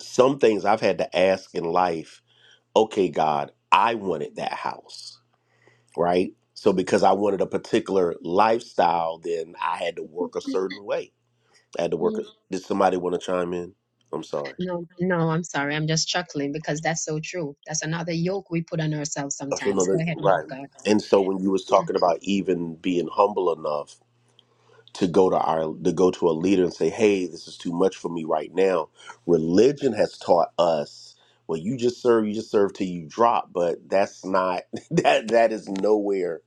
S6: some things I've had to ask in life, okay, God, I wanted that house, right? So because I wanted a particular lifestyle, then I had to work a certain way. I had to work. A,
S1: Mm,
S6: did somebody want to chime in? I'm sorry.
S1: No, no, I'm sorry. I'm just chuckling because that's so true. That's another yoke we put on ourselves
S6: Oh, So no,
S1: sometimes. Go
S6: that-
S1: ahead, man.
S6: right.
S1: of God.
S6: And so when you was talking about even being humble enough to go to our to go to a leader and say, "Hey, this is too much for me right now." Religion has taught us, well, you just serve, you just serve till you drop, but that's not <laughs> that that is nowhere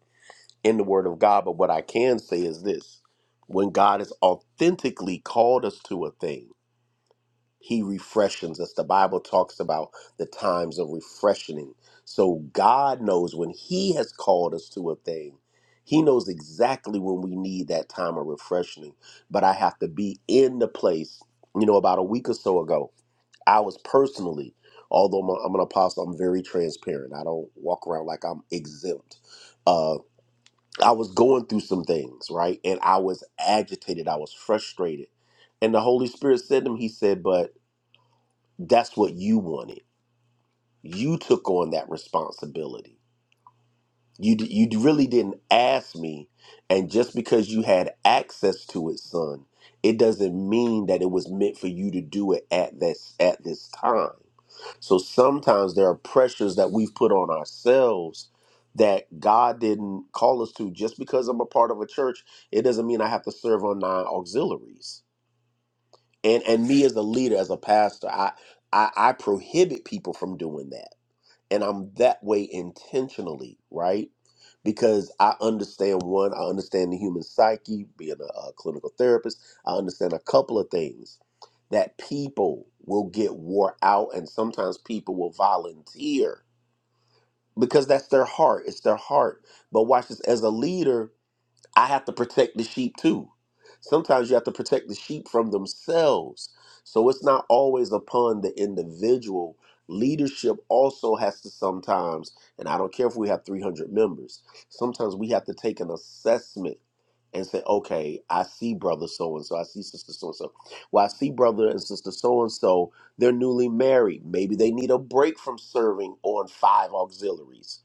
S6: in the Word of God. But what I can say is this: when God has authentically called us to a thing. He refreshes us. The Bible talks about the times of refreshing. So God knows when He has called us to a thing, He knows exactly when we need that time of refreshing. But I have to be in the place. You know, about a week or so ago, I was personally, although I'm, a- I'm an apostle, I'm very transparent. I don't walk around like I'm exempt. Uh, I was going through some things, right? And I was agitated, I was frustrated. And the Holy Spirit said to me, He said, but that's what you wanted. You took on that responsibility. You d- you really didn't ask me, and just because you had access to it, son, it doesn't mean that it was meant for you to do it at this at this time. So sometimes there are pressures that we've put on ourselves that God didn't call us to. Just because I'm a part of a church, it doesn't mean I have to serve on nine auxiliaries. And and me as a leader, as a pastor, I I, I prohibit people from doing that and I'm that way intentionally, right? Because I understand one, I understand the human psyche, being a, a clinical therapist, I understand a couple of things that people will get wore out, and sometimes people will volunteer because that's their heart. It's their heart. But watch this as a leader, I have to protect the sheep too. Sometimes you have to protect the sheep from themselves. So it's not always upon the individual. Leadership also has to sometimes, and I don't care if we have 300 members, sometimes we have to take an assessment and say, okay, I see brother so and so, I see sister so and so. Well, I see brother and sister so and so, they're newly married. Maybe they need a break from serving on five auxiliaries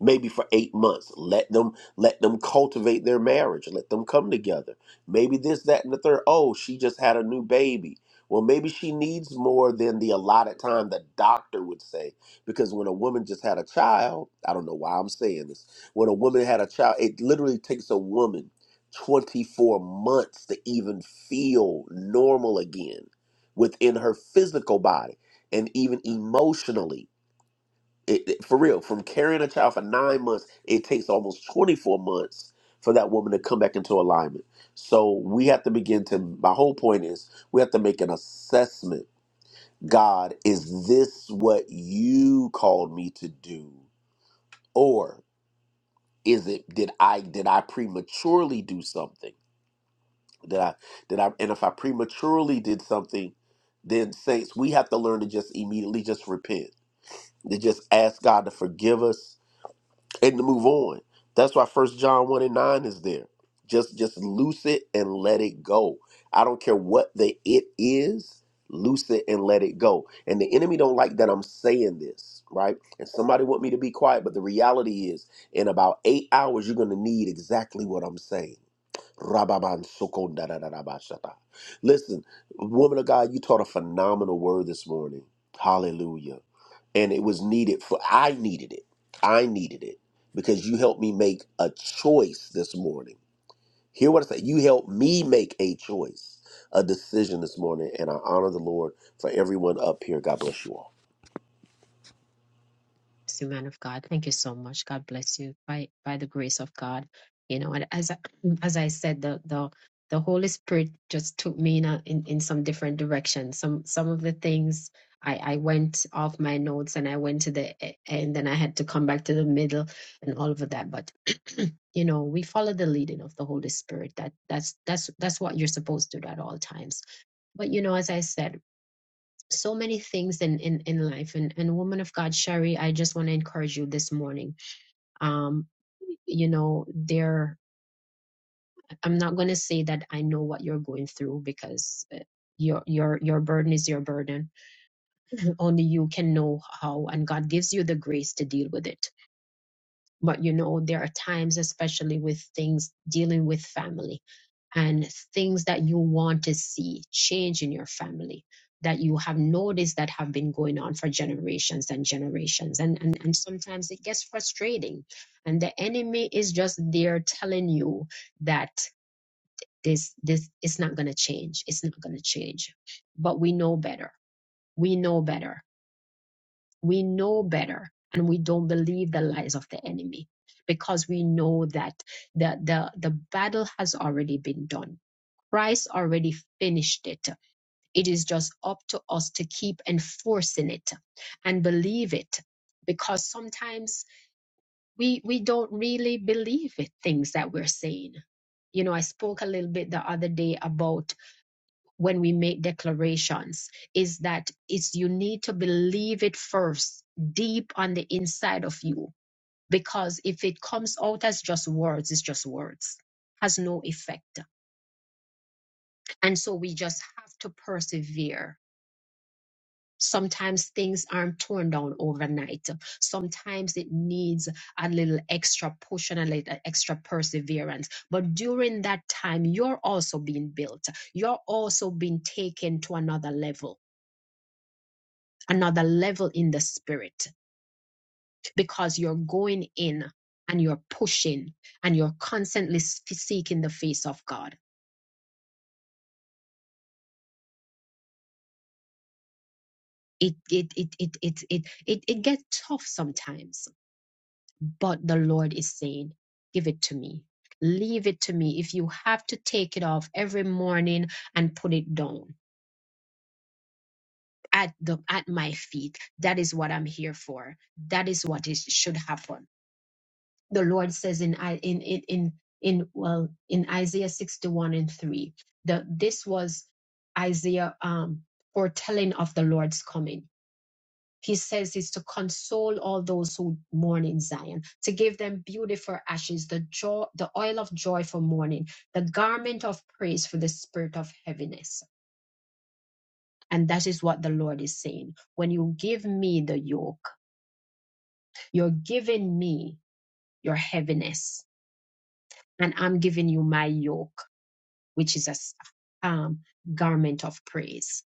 S6: maybe for eight months let them let them cultivate their marriage let them come together maybe this that and the third oh she just had a new baby well maybe she needs more than the allotted time the doctor would say because when a woman just had a child i don't know why i'm saying this when a woman had a child it literally takes a woman 24 months to even feel normal again within her physical body and even emotionally it, it- for real, from carrying a child for nine months, it takes almost 24 months for that woman to come back into alignment. So we have to begin to, my whole point is, we have to make an assessment. God, is this what you called me to do? Or is it did I did I prematurely do something? Did I did I and if I prematurely did something, then saints, we have to learn to just immediately just repent. To just ask God to forgive us and to move on. That's why First John one and nine is there. Just just loose it and let it go. I don't care what the it is. Loose it and let it go. And the enemy don't like that I'm saying this, right? And somebody want me to be quiet, but the reality is, in about eight hours, you're gonna need exactly what I'm saying. Rababan sokondadadadabashata. Listen, woman of God, you taught a phenomenal word this morning. Hallelujah and it was needed for I needed it. I needed it because you helped me make a choice this morning. Hear what I say. You helped me make a choice, a decision this morning, and I honor the Lord for everyone up here. God bless you all.
S1: bless you, man of God. Thank you so much. God bless you by by the grace of God. You know, and as I, as I said, the the the Holy Spirit just took me in, a, in in some different directions. Some some of the things I I went off my notes and I went to the e- end, and I had to come back to the middle and all of that. But <clears throat> you know, we follow the leading of the Holy Spirit. That that's that's that's what you're supposed to do at all times. But you know, as I said so many things in in, in life and and woman of god sherry i just want to encourage you this morning um you know there i'm not going to say that i know what you're going through because uh, your your your burden is your burden only you can know how and god gives you the grace to deal with it But you know, there are times, especially with things dealing with family and things that you want to see change in your family that you have noticed that have been going on for generations and generations and, and and sometimes it gets frustrating and the enemy is just there telling you that this this is not going to change it's not going to change but we know better we know better we know better and we don't believe the lies of the enemy because we know that the the the battle has already been done christ already finished it it is just up to us to keep enforcing it and believe it because sometimes we we don't really believe it things that we're saying you know i spoke a little bit the other day about when we make declarations is that it's you need to believe it first deep on the inside of you because if it comes out as just words it's just words has no effect and so we just have to persevere sometimes things aren't torn down overnight sometimes it needs a little extra push and a little extra perseverance but during that time you're also being built you're also being taken to another level another level in the spirit because you're going in and you're pushing and you're constantly seeking the face of God. It it it it it it it, it gets tough sometimes, but the Lord is saying, "Give it to me." Leave it to me. If you have to take it off every morning and put it down at the at my feet, that is what I'm here for. That is what is should happen the Lord says in I in in in, in well in Isaiah 61 and 3. The this was Isaiah um foretelling of the Lord's coming. He says is to console all those who mourn in Zion, to give them beautiful ashes, the joy, the oil of joy for mourning, the garment of praise for the spirit of heaviness. And that is what the Lord is saying. When you give me the yoke, you're giving me your heaviness, and I'm giving you my yoke which is a s- um, garment of praise.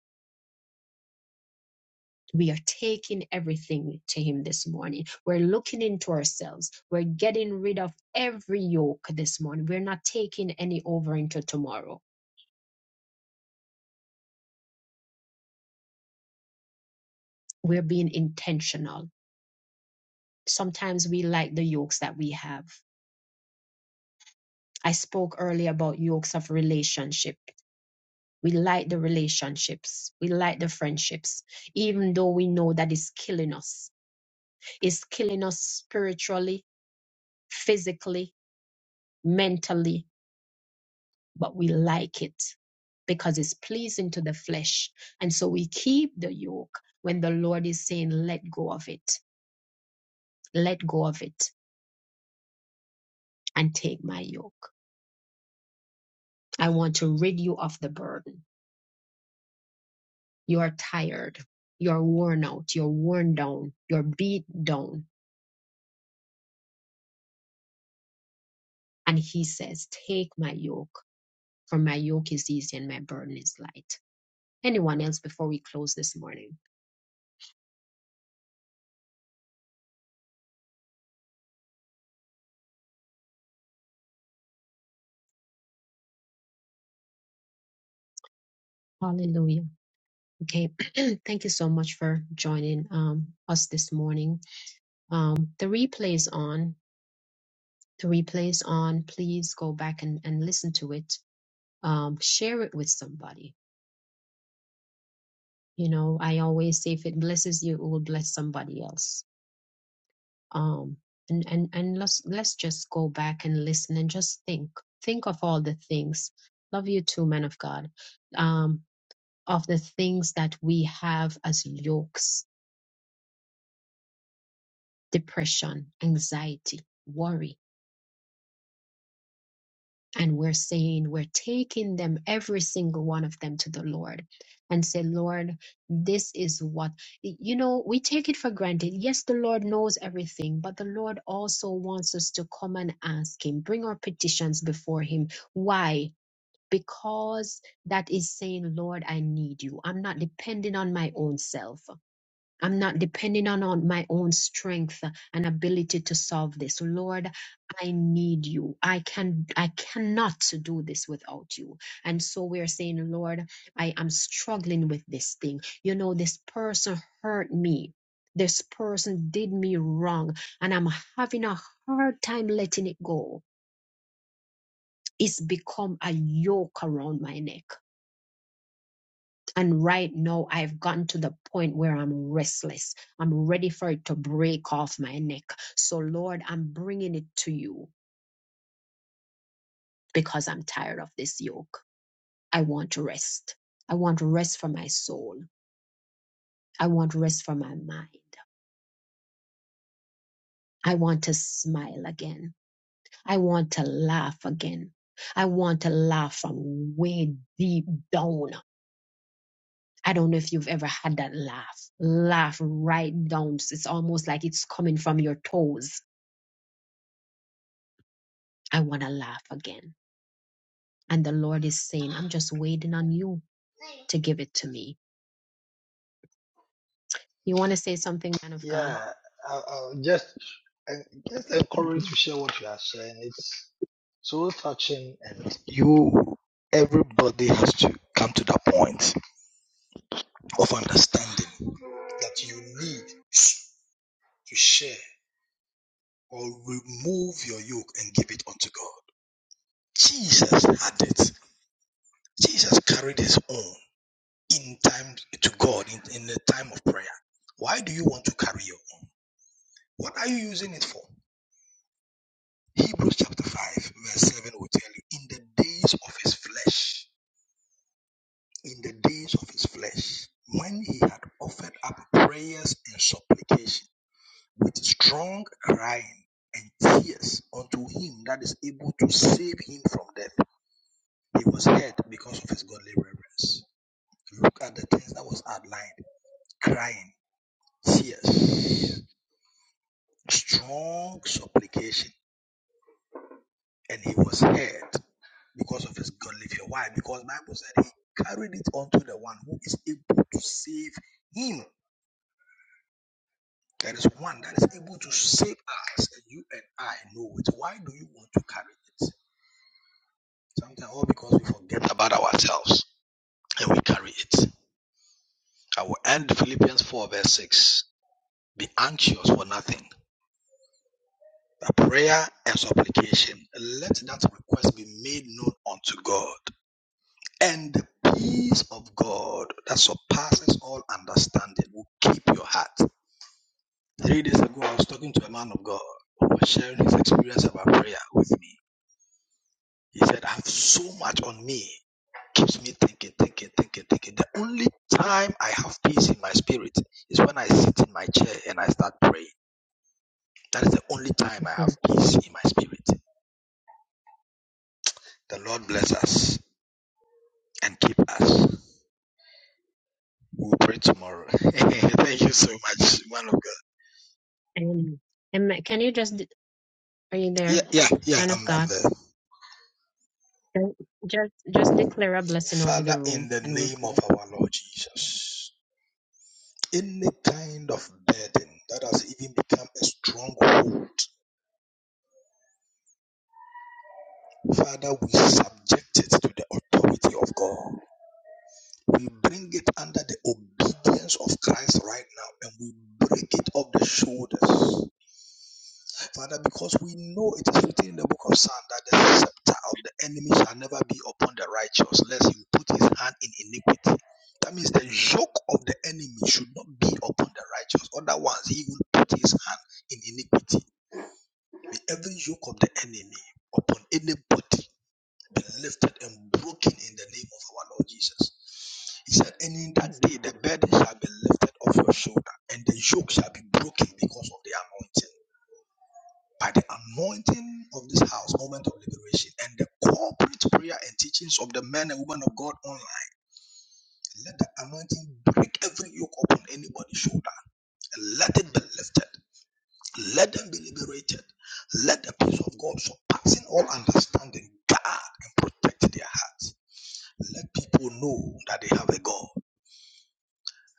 S1: We are taking everything to Him this morning. We're looking into ourselves. We're getting rid of every yoke this morning. We're not taking any over into tomorrow. We're being intentional. Sometimes we like the yokes that we have. I spoke earlier about yokes of relationship. We like the relationships. We like the friendships, even though we know that it's killing us. It's killing us spiritually, physically, mentally, but we like it because it's pleasing to the flesh. And so we keep the yoke when the Lord is saying, let go of it, let go of it and take my yoke. I want to rid you of the burden. You are tired. You're worn out. You're worn down. You're beat down. And he says, take my yoke for my yoke is easy and my burden is light. Anyone else before we close this morning? Hallelujah. Okay, <clears throat> thank you so much for joining um, us this morning. Um, the replay is on. The replay is on. Please go back and, and listen to it. Um, share it with somebody. You know, I always say if it blesses you, it will bless somebody else. Um, and and and let's let's just go back and listen and just think. Think of all the things. Love you too, man of God. Um, of the things that we have as yokes, depression, anxiety, worry and we're saying we're taking them every single one of them to the lord and say lord this is what you know we take it for granted yes the lord knows everything but the lord also wants us to come and ask him bring our petitions before him why because that is saying lord i need you i'm not depending on my own self I'm not depending on, on my own strength and ability to solve this. Lord, I need you. I can I cannot do this without you. And so we're saying, Lord, I am struggling with this thing. You know, this person hurt me. This person did me wrong, and I'm having a hard time letting it go. It's become a yoke around my neck. And right now, I've gotten to the point where I'm restless. I'm ready for it to break off my neck. So, Lord, I'm bringing it to you because I'm tired of this yoke. I want rest. I want rest for my soul. I want rest for my mind. I want to smile again. I want to laugh again. I want to laugh from way deep down. I don't know if you've ever had that laugh. Laugh right down. It's almost like it's coming from your toes I want to laugh again. And the Lord is saying, I'm just waiting on you to give it to me. You want to say something, man of God?
S7: Yeah, I, I'll just I just encourage
S1: Mhm.
S7: to share what you are sharing. It's so touching, and you everybody has to come to that point of understanding that you need to share or remove your yoke and give it unto God. Jesus had it. Jesus carried his own in time to God in, in the time of prayer. Why do you want to carry your own? What are you using it for? Hebrews chapter 5, verse 7 will tell you, in the days of his flesh, in the days of his flesh, when he had offered up prayers and supplication with strong crying and tears unto him that is able to save him from death, he was heard because of his godly reverence. Look at the things that was outlined crying, tears, strong supplication and he was hurt because of his godly fear. Why? Because the Bible said he carried it unto the one who is able to save him. There is one that is able to save us, and you and I know it. Why do you want to carry it? Sometimes all because we forget about ourselves and we carry it. I will end Philippians 4 verse 6. Be anxious for nothing. By prayer and supplication, let that request be made known unto God. And the peace of God that surpasses all understanding will keep your heart. Three days ago, I was talking to a man of God who was sharing his experience about prayer with me. He said, I have so much on me. Keeps me thinking, thinking, thinking, thinking. The only time I have peace in my spirit is when I sit in my chair and I start praying. That is the only time I have
S1: Mhm.
S7: peace in my spirit. The Lord bless us and keep us. We'll pray tomorrow. <laughs> Thank you so much, man of God.
S1: And, and ma- can you just, de- are you
S7: Yeah,
S1: there,
S7: yeah, yeah,
S1: man
S7: I'm,
S1: of
S7: I'm
S1: God?
S7: there.
S1: Don't- Just, just declare a blessing over the
S7: Father,
S1: room
S7: in the
S1: and we'll
S7: name of
S1: close.
S7: our Lord Jesus, any kind of burden that has even become a stronghold, Father, we subject it to the authority of God. We bring it under the obedience of Christ right now and we break it off the shoulders. Father, because we know it is written in the book of Psalm that the scepter of the enemy shall never be upon the righteous, lest he put his hand in iniquity. That means the yoke of the enemy should not be upon the righteous. Otherwise, he will put his hand in iniquity. May every yoke of the enemy upon anybody be lifted and broken in the name of our Lord Jesus. He said, And in that day the burden shall be lifted off your shoulder, and the yoke shall be broken because of the anointing by the anointing of this house, moment of liberation, and the corporate prayer and teachings of the men and women of God online. Let the anointing break every yoke upon anybody's shoulder. And let it be lifted. Let them be liberated. Let the peace of God surpassing all understanding guard and protect their hearts. Let people know that they have a God.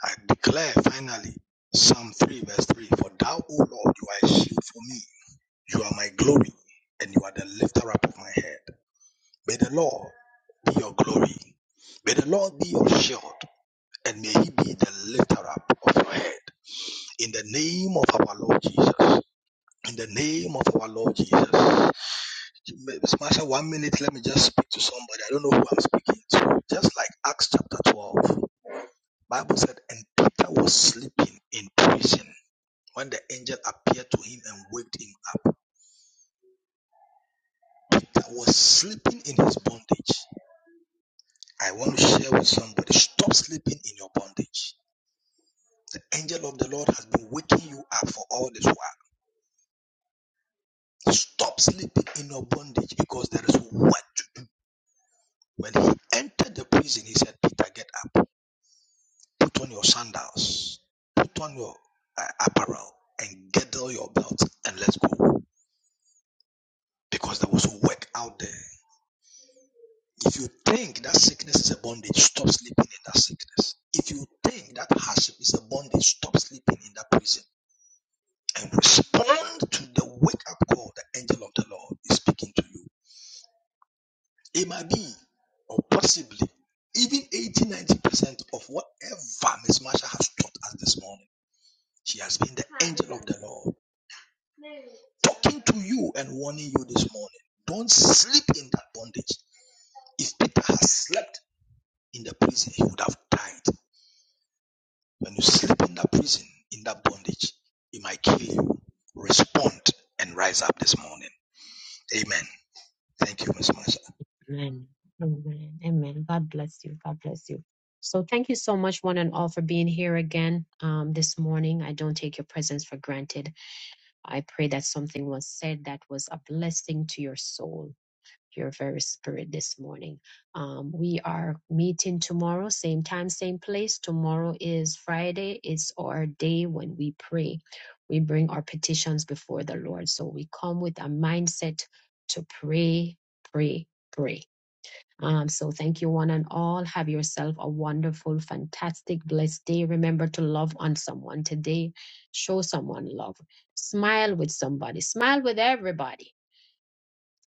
S7: I declare finally Psalm 3 verse 3 For thou, O Lord, you are a shield for me. You are my glory and you are the lifter up of my head. May the Lord be your glory. May the Lord be your shield, and may He be the lifter up of your head. In the name of our Lord Jesus. In the name of our Lord Jesus. Smasher, one minute, let me just speak to somebody. I don't know who I'm speaking to. Just like Acts chapter 12. Bible said, and Peter was sleeping in prison when the angel appeared to him and waked him up. Peter was sleeping in his bondage. I want to share with somebody. Stop sleeping in your bondage. angel of the Lord has been waking you up for all this while. Stop sleeping in your bondage because there is work to do. When he entered the prison, he said, Peter, get up, put on your sandals, put on your uh, apparel, and girdle your belt, and let's go. Because there was work out there. If you think that sickness is a bondage, stop sleeping in that sickness. If you think that hardship is a bondage, stop sleeping in that prison and respond to the wake up call the angel of the Lord is speaking to you. It might be, or possibly, even 80 90% of whatever Miss Marsha has taught us this morning. She has been the angel of the Lord talking to you and warning you this morning. Don't sleep in that bondage. If Peter had slept in the prison, he would have died. When you sleep in that prison, in that bondage, it might kill you. Respond and rise up this morning. Amen. Thank you, Miss Marsha.
S1: Amen. Amen. Amen. God bless you. God bless you. So thank you so much, one and all, for being here again um, this morning. I don't take your presence for granted. I pray that something was said that was a blessing to your soul your very spirit this morning. Um, we are meeting tomorrow, same time, same place. Tomorrow is Friday. It's our day when we pray. We bring our petitions before the Lord. So we come with a mindset to pray, pray, pray. Um, so thank you, one and all. Have yourself a wonderful, fantastic, blessed day. Remember to love on someone today. Show someone love. Smile with somebody. Smile with everybody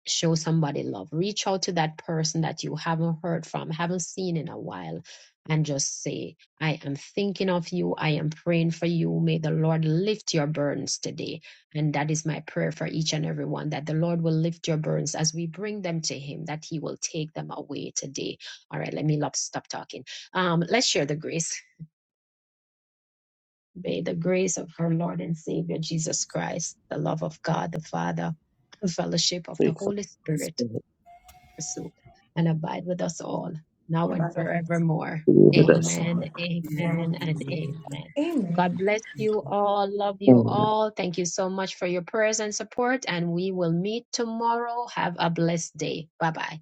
S1: show somebody love reach out to that person that you haven't heard from haven't seen in a while and just say i am thinking of you i am praying for you may the lord lift your burdens today and that is my prayer for each and every one that the lord will lift your burdens as we bring them to him that he will take them away today all right let me love, stop talking um let's share the grace may the grace of our lord and savior jesus christ the love of god the father the fellowship of
S4: So
S1: the
S4: you can
S1: holy spirit pursuit and abide with us all, now and forevermore.
S4: be with us.
S1: Amen, amen, and
S5: Amen.
S1: amen.
S3: Amen.
S1: God bless you all. Love you
S4: Amen.
S1: all. Thank you so much for your prayers and support. And we will meet tomorrow. Have a blessed day. Bye bye.